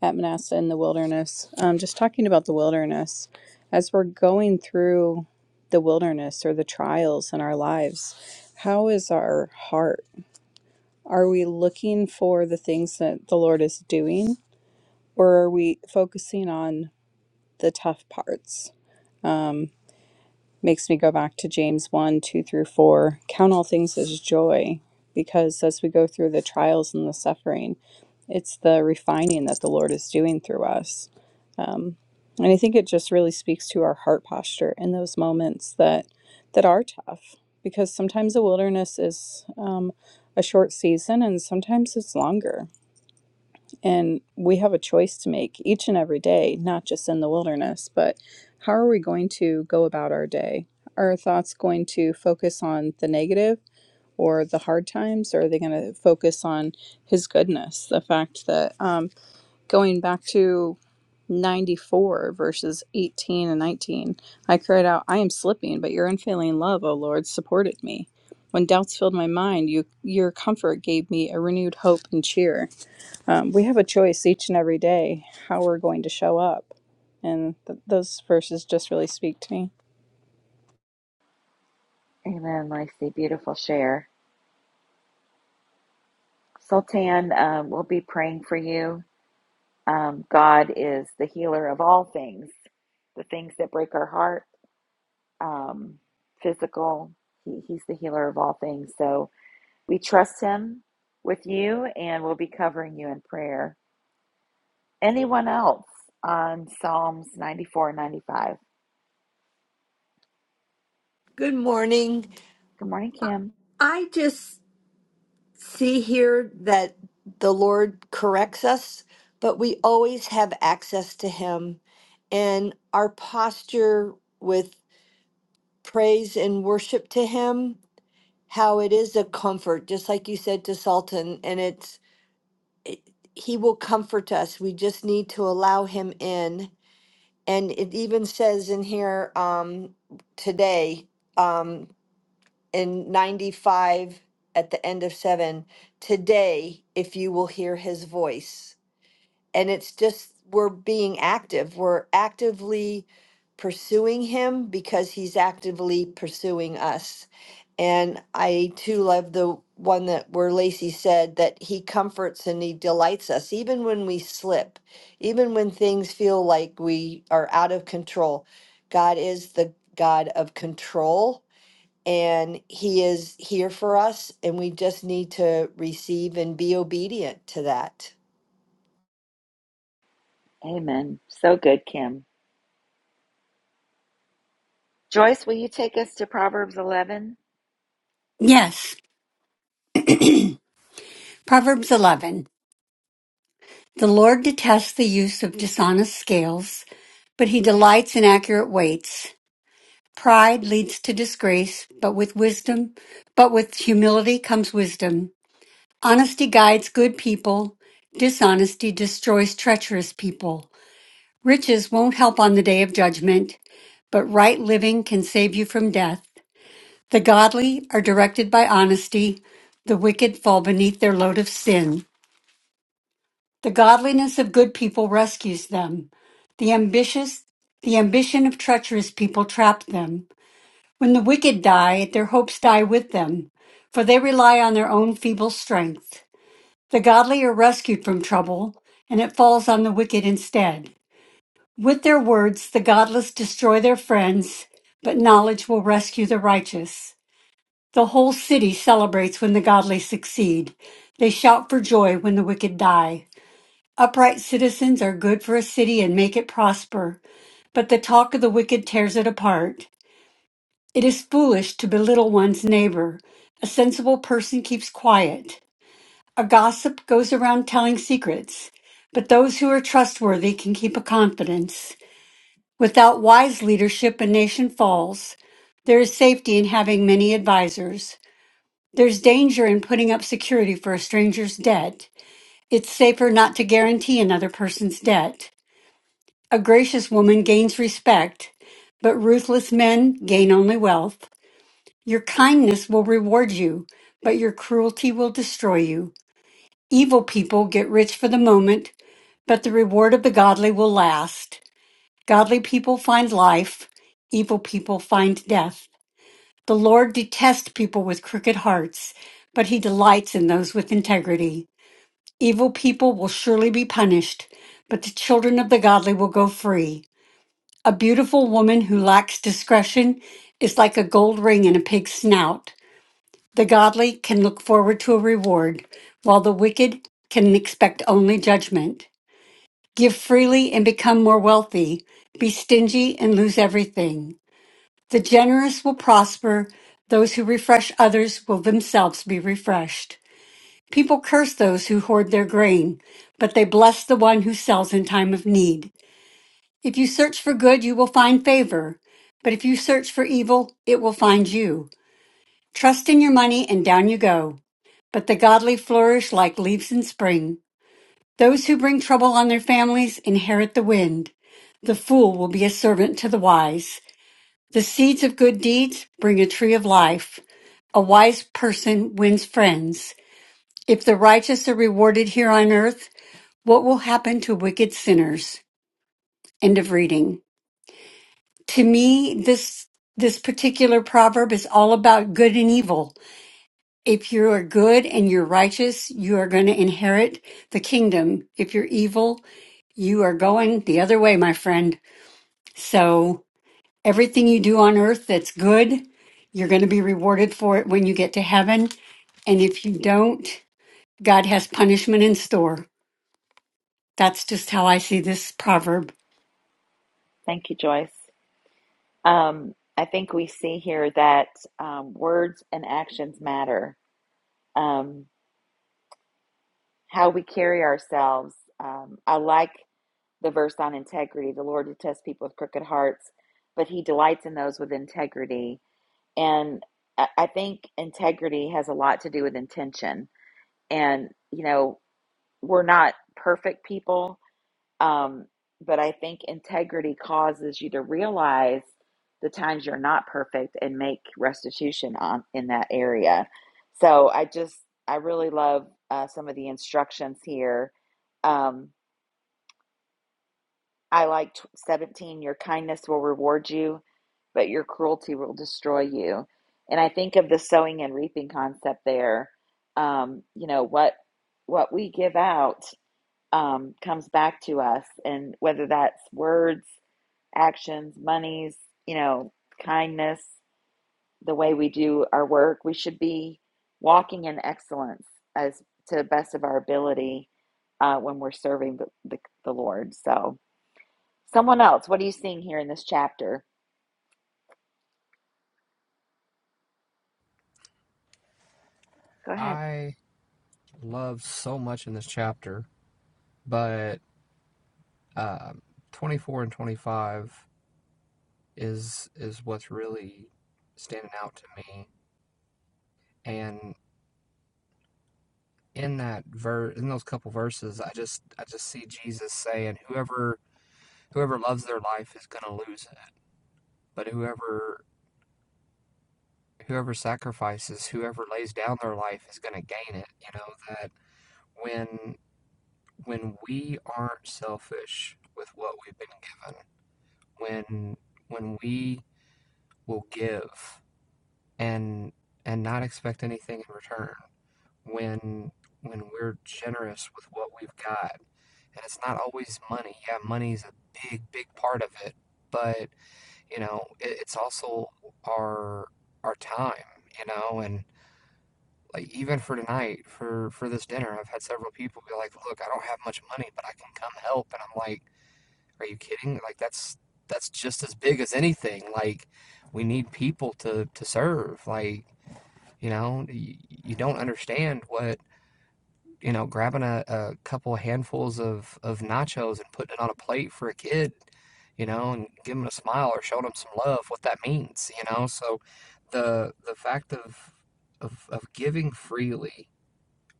at Manasseh in the wilderness. Um, just talking about the wilderness, as we're going through the wilderness or the trials in our lives, how is our heart? Are we looking for the things that the Lord is doing? Or are we focusing on the tough parts. Makes me go back to James 1 2 through 4. Count all things as joy, because as we go through the trials and the suffering, it's the refining that the Lord is doing through us. And I think it just really speaks to our heart posture in those moments that that are tough, because sometimes the wilderness is um, a short season, and sometimes it's longer. And we have a choice to make each and every day, not just in the wilderness, but how are we going to go about our day? Are our thoughts going to focus on the negative or the hard times, or are they going to focus on His goodness? The fact that um, going back to 94 verses 18 and 19, I cried out, I am slipping, but your unfailing love, O Lord, supported me. When doubts filled my mind, you, your comfort gave me a renewed hope and cheer um, we have a choice each and every day how we're going to show up. And th- those verses just really speak to me. Amen, Lacey. Beautiful share. Sultan, um, we'll be praying for you. Um, God is the healer of all things, the things that break our heart, um, physical. He, he's the healer of all things. So we trust Him with you, and we'll be covering you in prayer. Anyone else on Psalms 94 95? Good morning. Good morning, Kim. I just see here that the Lord corrects us, but we always have access to Him. And our posture with praise and worship to Him, how it is a comfort, just like you said to Sultan. And it's, it, He will comfort us. We just need to allow Him in. And it even says in here um, today. um, in 95 at the end of 7 today if you will hear his voice and it's just we're being active we're actively pursuing him because he's actively pursuing us and i too love the one that where lacey said that he comforts and he delights us even when we slip even when things feel like we are out of control god is the god of control and he is here for us and we just need to receive and be obedient to that Amen. So good, Kim. Joyce, will you take us to Proverbs 11? Yes, Proverbs 11. The Lord detests the use of dishonest scales, but he delights in accurate weights. Pride leads to disgrace, but with wisdom, but with humility comes wisdom. Honesty guides good people. Dishonesty destroys treacherous people. Riches won't help on the day of judgment, but right living can save you from death. The godly are directed by honesty. The wicked fall beneath their load of sin. The godliness of good people rescues them. The ambitious, the ambition of treacherous people trap them. When the wicked die, their hopes die with them, for they rely on their own feeble strength. The godly are rescued from trouble, and it falls on the wicked instead. With their words, the godless destroy their friends, but knowledge will rescue the righteous. The whole city celebrates when the godly succeed. They shout for joy when the wicked die. Upright citizens are good for a city and make it prosper, but the talk of the wicked tears it apart. It is foolish to belittle one's neighbor. A sensible person keeps quiet. A gossip goes around telling secrets, but those who are trustworthy can keep a confidence. Without wise leadership, a nation falls. There is safety in having many advisers. There's danger in putting up security for a stranger's debt. It's safer not to guarantee another person's debt. A gracious woman gains respect, but ruthless men gain only wealth. Your kindness will reward you, but your cruelty will destroy you. Evil people get rich for the moment, but the reward of the godly will last. Godly people find life, evil people find death. The Lord detests people with crooked hearts, but he delights in those with integrity. Evil people will surely be punished, but the children of the godly will go free. A beautiful woman who lacks discretion is like a gold ring in a pig's snout. The godly can look forward to a reward, while the wicked can expect only judgment. Give freely and become more wealthy. Be stingy and lose everything. The generous will prosper. Those who refresh others will themselves be refreshed. People curse those who hoard their grain, but they bless the one who sells in time of need. If you search for good, you will find favor. But if you search for evil, it will find you. Trust in your money and down you go. But the godly flourish like leaves in spring. Those who bring trouble on their families inherit the wind. The fool will be a servant to the wise. The seeds of good deeds bring a tree of life. A wise person wins friends. If the righteous are rewarded here on earth, what will happen to wicked sinners? End of reading. to me this this particular proverb is all about good and evil if you are good and you're righteous you are going to inherit the kingdom if you're evil you are going the other way my friend so everything you do on earth that's good you're going to be rewarded for it when you get to heaven and if you don't god has punishment in store that's just how i see this proverb Thank you, Joyce. Um, I think we see here that um, words and actions matter, um, how we carry ourselves. Um, I like the verse on integrity. The Lord detests people with crooked hearts, but he delights in those with integrity. And I I think integrity has a lot to do with intention and you know we're not perfect people um, but i think integrity causes you to realize the times you're not perfect and make restitution on in that area so i just i really love uh, some of the instructions here um, i like 17 your kindness will reward you but your cruelty will destroy you and i think of the sowing and reaping concept there um, you know what what we give out um, comes back to us, and whether that's words, actions, monies, you know, kindness, the way we do our work, we should be walking in excellence as to the best of our ability uh, when we're serving the, the, the Lord. So, someone else, what are you seeing here in this chapter? Go ahead. I love so much in this chapter, but um, 24 and 25. is is what's really standing out to me. And in that verse, in those couple verses, I just I just see Jesus saying, "Whoever whoever loves their life is going to lose it, but whoever whoever sacrifices, whoever lays down their life is going to gain it." You know that when when we aren't selfish with what we've been given, when when we will give and and not expect anything in return, when when we're generous with what we've got. And it's not always money. Yeah, money's a big, big part of it, but you know, it, it's also our our time, you know, and like even for tonight, for for this dinner, I've had several people be like, "Look, I don't have much money, but I can come help." And I'm like, "Are you kidding? Like that's that's just as big as anything. Like we need people to to serve. Like, you know, you, you don't understand what you know, grabbing a, a couple handfuls of, of nachos and putting it on a plate for a kid, you know, and giving 'em a smile or showing them some love, what that means, you know? So the the fact of of of giving freely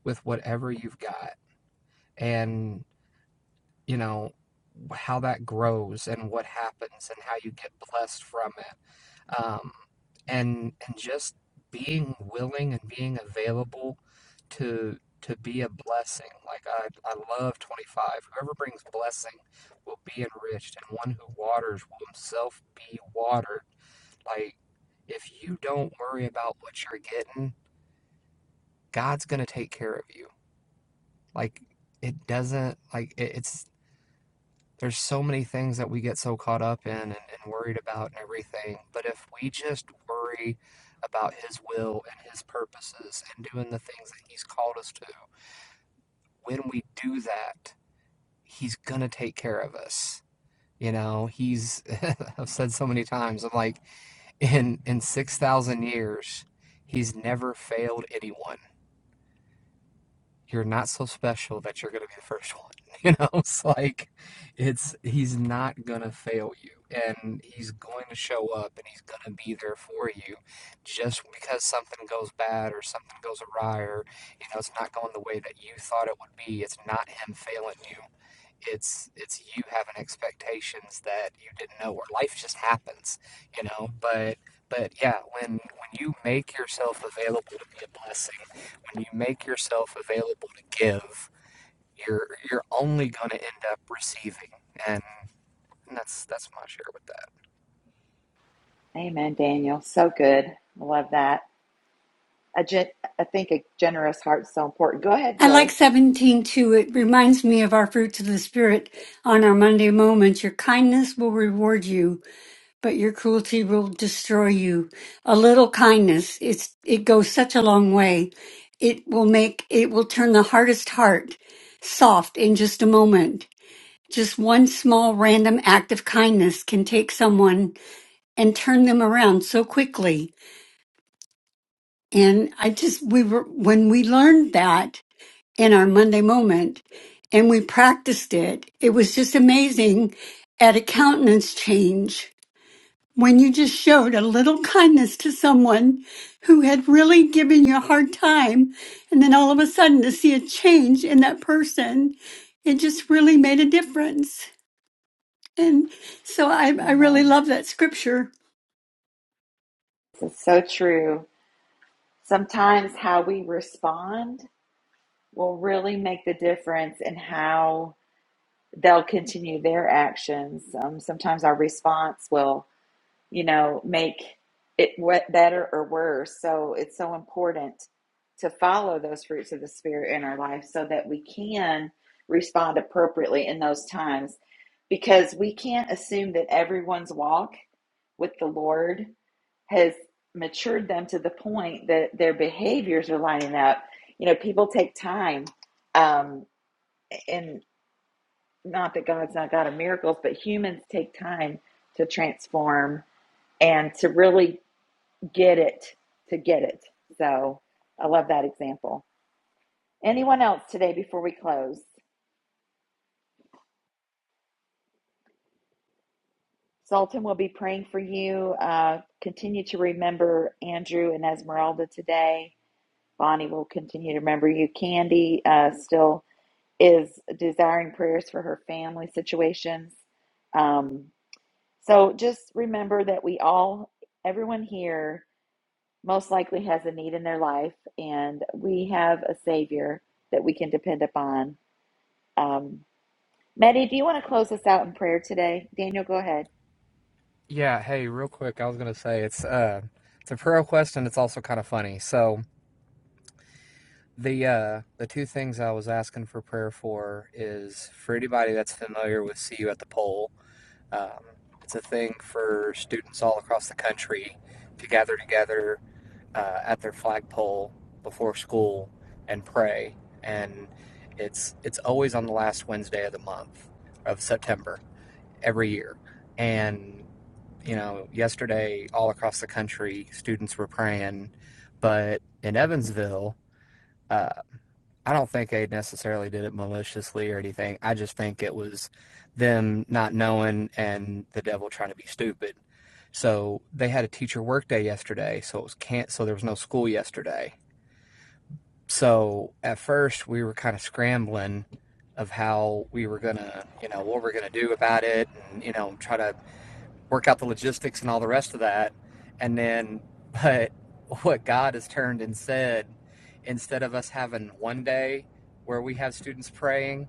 with whatever you've got and, you know, how that grows and what happens and how you get blessed from it um, and and just being willing and being available to to be a blessing. Like I, I love 25. Whoever brings blessing will be enriched, and one who waters will himself be watered. Like if you don't worry about what you're getting, God's gonna take care of you. Like it doesn't like it, it's There's so many things that we get so caught up in and, and worried about and everything. But if we just worry about His will and His purposes and doing the things that He's called us to, when we do that, He's going to take care of us. You know, He's, I've said so many times, I'm like, in, in 6,000 years, He's never failed anyone you're not so special that you're going to be the first one. You know, it's like it's he's not going to fail you and he's going to show up and he's going to be there for you just because something goes bad or something goes awry or you know it's not going the way that you thought it would be. It's not him failing you. It's it's you having expectations that you didn't know or life just happens, you know, but but yeah, when when you make yourself available to be a blessing when you make yourself available to give, you're you're only going to end up receiving, and, and that's that's my share with that. Amen, Daniel. So good. I love that. I, gen- I think a generous heart is so important. Go ahead, I like Joyce. 17 too. It reminds me of our fruits of the Spirit on our Monday moments. Your kindness will reward you, but your cruelty will destroy you. A little kindness, it's, it goes such a long way. It will make, it will turn the hardest heart soft in just a moment. Just one small random act of kindness can take someone and turn them around so quickly. And I just, we were, when we learned that, in our Monday moment and we practiced it. It was just amazing at a countenance change when you just showed a little kindness to someone who had really given you a hard time. And then all of a sudden to see a change in that person, it just really made a difference. And so I, I really Amen. love that scripture. This is so true. sometimes how we respond will really make the difference in how they'll continue their actions. Um, sometimes our response will, you know, make it what better or worse. So it's so important to follow those fruits of the spirit in our life so that we can respond appropriately in those times because we can't assume that everyone's walk with the Lord has matured them to the point that their behaviors are lining up. You know, people take time, um, and not that God's not God of miracles, but humans take time to transform and to really get it, to get it. So I love that example. Anyone else today before we close? Sultan will be praying for you. Uh, continue to remember Andrew and Esmeralda today. Bonnie will continue to remember you. Candy uh, still is desiring prayers for her family situations. Um, so just remember that we all, everyone here, most likely has a need in their life, and we have a Savior that we can depend upon. Um, Maddie, do you want to close us out in prayer today? Daniel, go ahead. Yeah, hey, real quick, I was gonna say it's uh it's a prayer request and it's also kind of funny. So the uh the two things I was asking for prayer for is for anybody that's familiar with See You at the Pole, um, it's a thing for students all across the country to gather together uh, at their flagpole before school and pray. And it's it's always on the last Wednesday of the month of September every year. And you know, yesterday all across the country, students were praying, but in Evansville, uh, I don't think they necessarily did it maliciously or anything. I just think it was them not knowing and the devil trying to be stupid. So they had a teacher workday yesterday, so it was can't so there was no school yesterday. So at first we were kind of scrambling of how we were gonna, you know, what we're gonna do about it and, you know, try to work out the logistics and all the rest of that. And then, but what God has turned and said, instead of us having one day where we have students praying,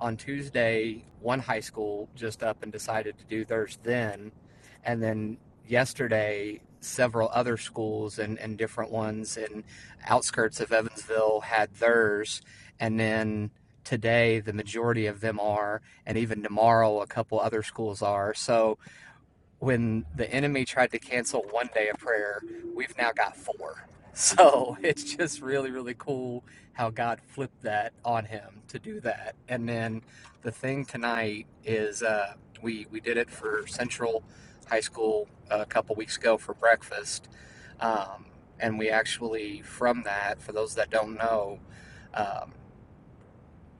on Tuesday, one high school just up and decided to do theirs then. And then yesterday, several other schools and, and different ones in outskirts of Evansville had theirs. And then today, the majority of them are. And even tomorrow, a couple other schools are. So when the enemy tried to cancel one day of prayer, we've now got four. So it's just really, really cool how God flipped that on him to do that. And then the thing tonight is uh, we we did it for Central High School a couple weeks ago for breakfast, um, and we actually from that for those that don't know. Um,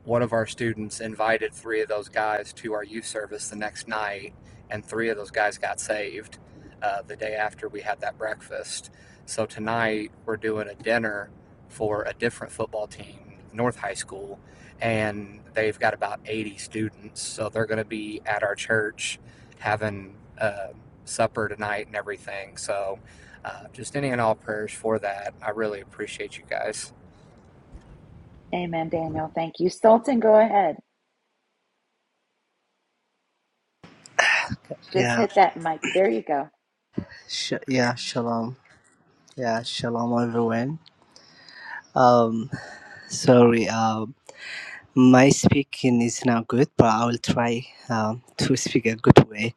one of our students invited three of those guys to our youth service the next night, and three of those guys got saved uh, the day after we had that breakfast. So tonight we're doing a dinner for a different football team, North High School, and they've got about 80 students. So they're going to be at our church having uh, supper tonight and everything. So uh, just any and all prayers for that. I really appreciate you guys. Amen, Daniel. Thank you. Sultan, go ahead. Just Yeah, hit that mic. There you go. sh- yeah, shalom. Yeah, shalom, everyone. Um, sorry, uh, my speaking is not good, but I will try um, to speak a good way.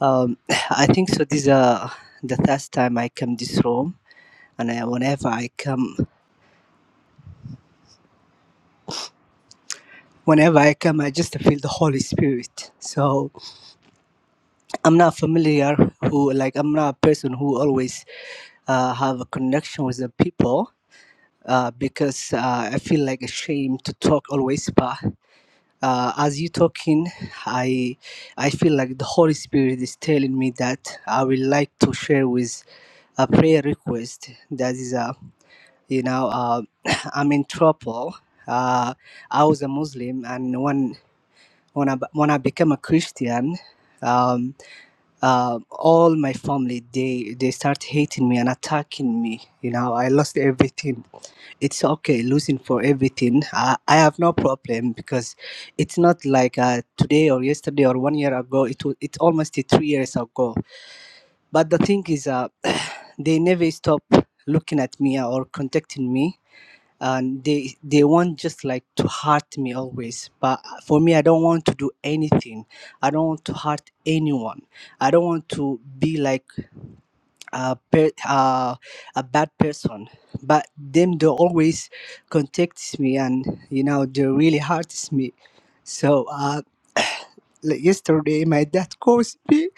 Um, I think so. This is uh, the first time I come this room, and I, whenever I come, whenever I come, I just feel the Holy Spirit. So I'm not familiar who, like, I'm not a person who always uh, have a connection with the people uh, because uh, I feel like ashamed to talk always. uh, as you talking i i feel like the holy spirit is telling me that i would like to share with a prayer request that is a you know uh, i'm in trouble uh, i was a muslim and when when i, when I became a christian um, uh, all my family they they start hating me and attacking me you know i lost everything it's okay losing for everything. I, I have no problem because it's not like uh, today or yesterday or one year ago. It was it's almost three years ago. But the thing is, uh, they never stop looking at me or contacting me, and they they want just like to hurt me always. But for me, I don't want to do anything. I don't want to hurt anyone. I don't want to be like a per, uh, a bad person but them they always contacts me and you know they really hurts me so uh like yesterday my dad calls me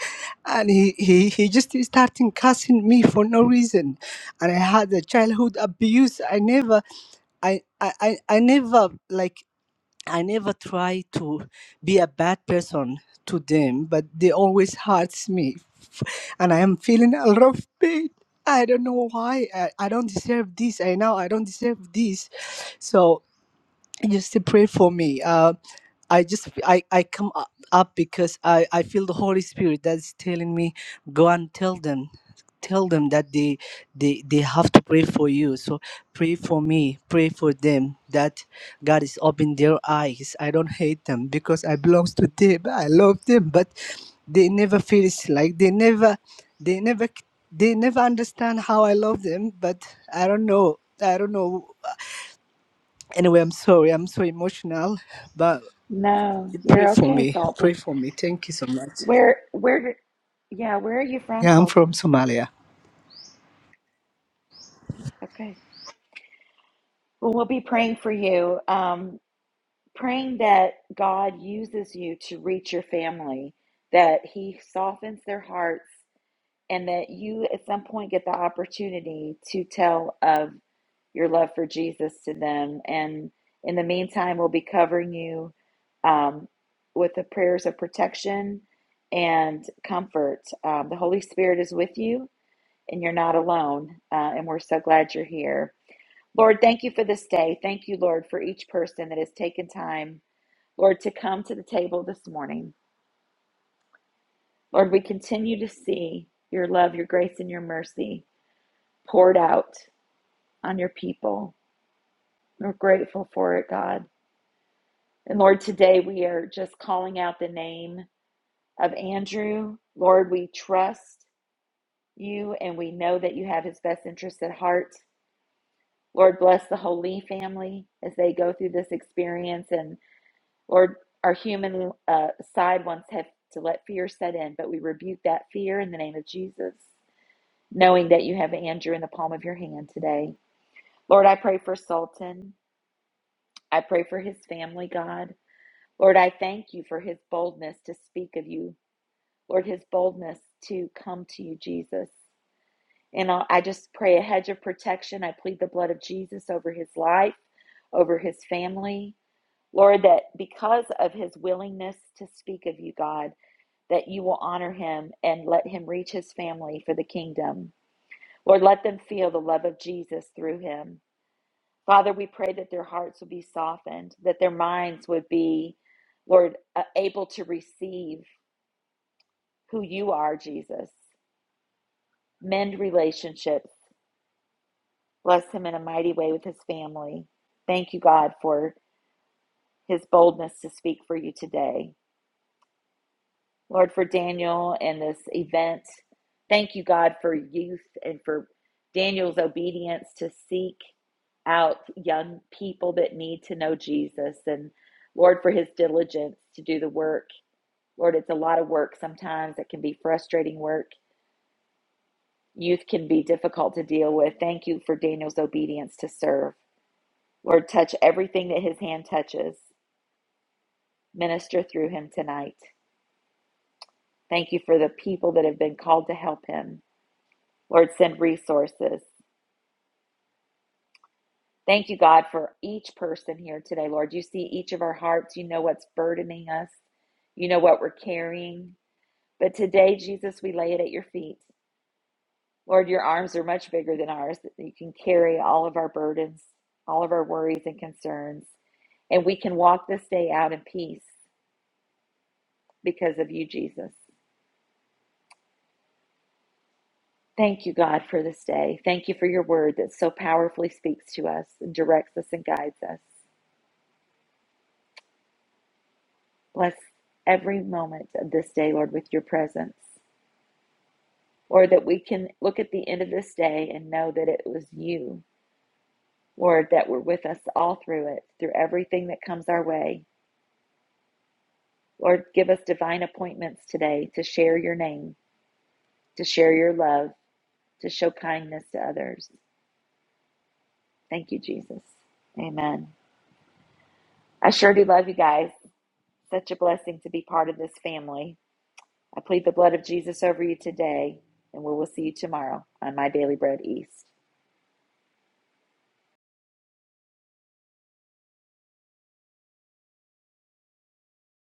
and he, he, he just starting cussing me for no reason and i had a childhood abuse i never i i, I I never like I never try to be a bad person to them, but they always hurts me, and I am feeling a lot of pain. I don't know why. I, I don't deserve this. I know I don't deserve this. So you still pray for me. Uh, I just I, I come up up because I, I feel the Holy Spirit that's telling me go and tell them tell them that they they they have to pray for you so pray for me pray for them that god is opening their eyes i don't hate them because i belongs to them i love them but they never feel like they never they never they never understand how i love them but i don't know i don't know Anyway, I'm sorry. I'm so emotional, but No, pray you're for okay, me. Pray Sultan. for me. Thank you so much. Where where Yeah, where are you from, Yeah, I'm from Sultan? Somalia. Okay. Well, we'll be praying for you, um, praying that God uses you to reach your family, that He softens their hearts, and that you at some point get the opportunity to tell of your love for Jesus to them. And in the meantime, we'll be covering you um, with the prayers of protection and comfort. Um, the Holy Spirit is with you, and you're not alone. Uh, and we're so glad you're here. Lord, thank you for this day. Thank you, Lord, for each person that has taken time, Lord, to come to the table this morning. Lord, we continue to see your love, your grace, and your mercy poured out on your people. We're grateful for it, God. And Lord, today we are just calling out the name of Andrew. Lord, we trust you and we know that you have his best interests at heart. Lord, bless the whole Lee family as they go through this experience. and. Lord, our human uh, side wants have to let fear set in, but we rebuke that fear in the name of Jesus, knowing that you have Andrew in the palm of your hand today. Lord, I pray for Sultan. I pray for his family, God. Lord, I thank you for his boldness to speak of you. Lord, his boldness to come to you, Jesus. And I I just pray a hedge of protection. I plead the blood of Jesus over his life, over his family. Lord, that because of his willingness to speak of you, God, that you will honor him and let him reach his family for the kingdom. Lord, let them feel the love of Jesus through him. Father, we pray that their hearts would be softened, that their minds would be, Lord, uh, able to receive who you are, Jesus. Mend relationships. Bless him in a mighty way with his family. Thank you, God, for his boldness to speak for you today. Lord, for Daniel and this event. Thank you, God, for youth and for Daniel's obedience to seek out young people that need to know Jesus. And Lord, for his diligence to do the work. Lord, it's a lot of work sometimes. It can be frustrating work. Youth can be difficult to deal with. Thank you for Daniel's obedience to serve. Lord, touch everything that his hand touches. Minister through him tonight. Thank you for the people that have been called to help him. Lord, send resources. Thank you, God, for each person here today, Lord. You see each of our hearts. You know what's burdening us. You know what we're carrying. But today, Jesus, we lay it at your feet. Lord, your arms are much bigger than ours. You can carry all of our burdens, all of our worries and concerns. And we can walk this day out in peace because of you, Jesus. Thank you, God, for this day. Thank you for your word that so powerfully speaks to us and directs us and guides us. Bless every moment of this day, Lord, with your presence. Lord, that we can look at the end of this day and know that it was you, Lord, that were with us all through it, through everything that comes our way. Lord, give us divine appointments today to share your name, to share your love, to show kindness to others. Thank you, Jesus. Amen. I sure do love you guys. Such a blessing to be part of this family. I plead the blood of Jesus over you today, and we will see you tomorrow on My Daily Bread East.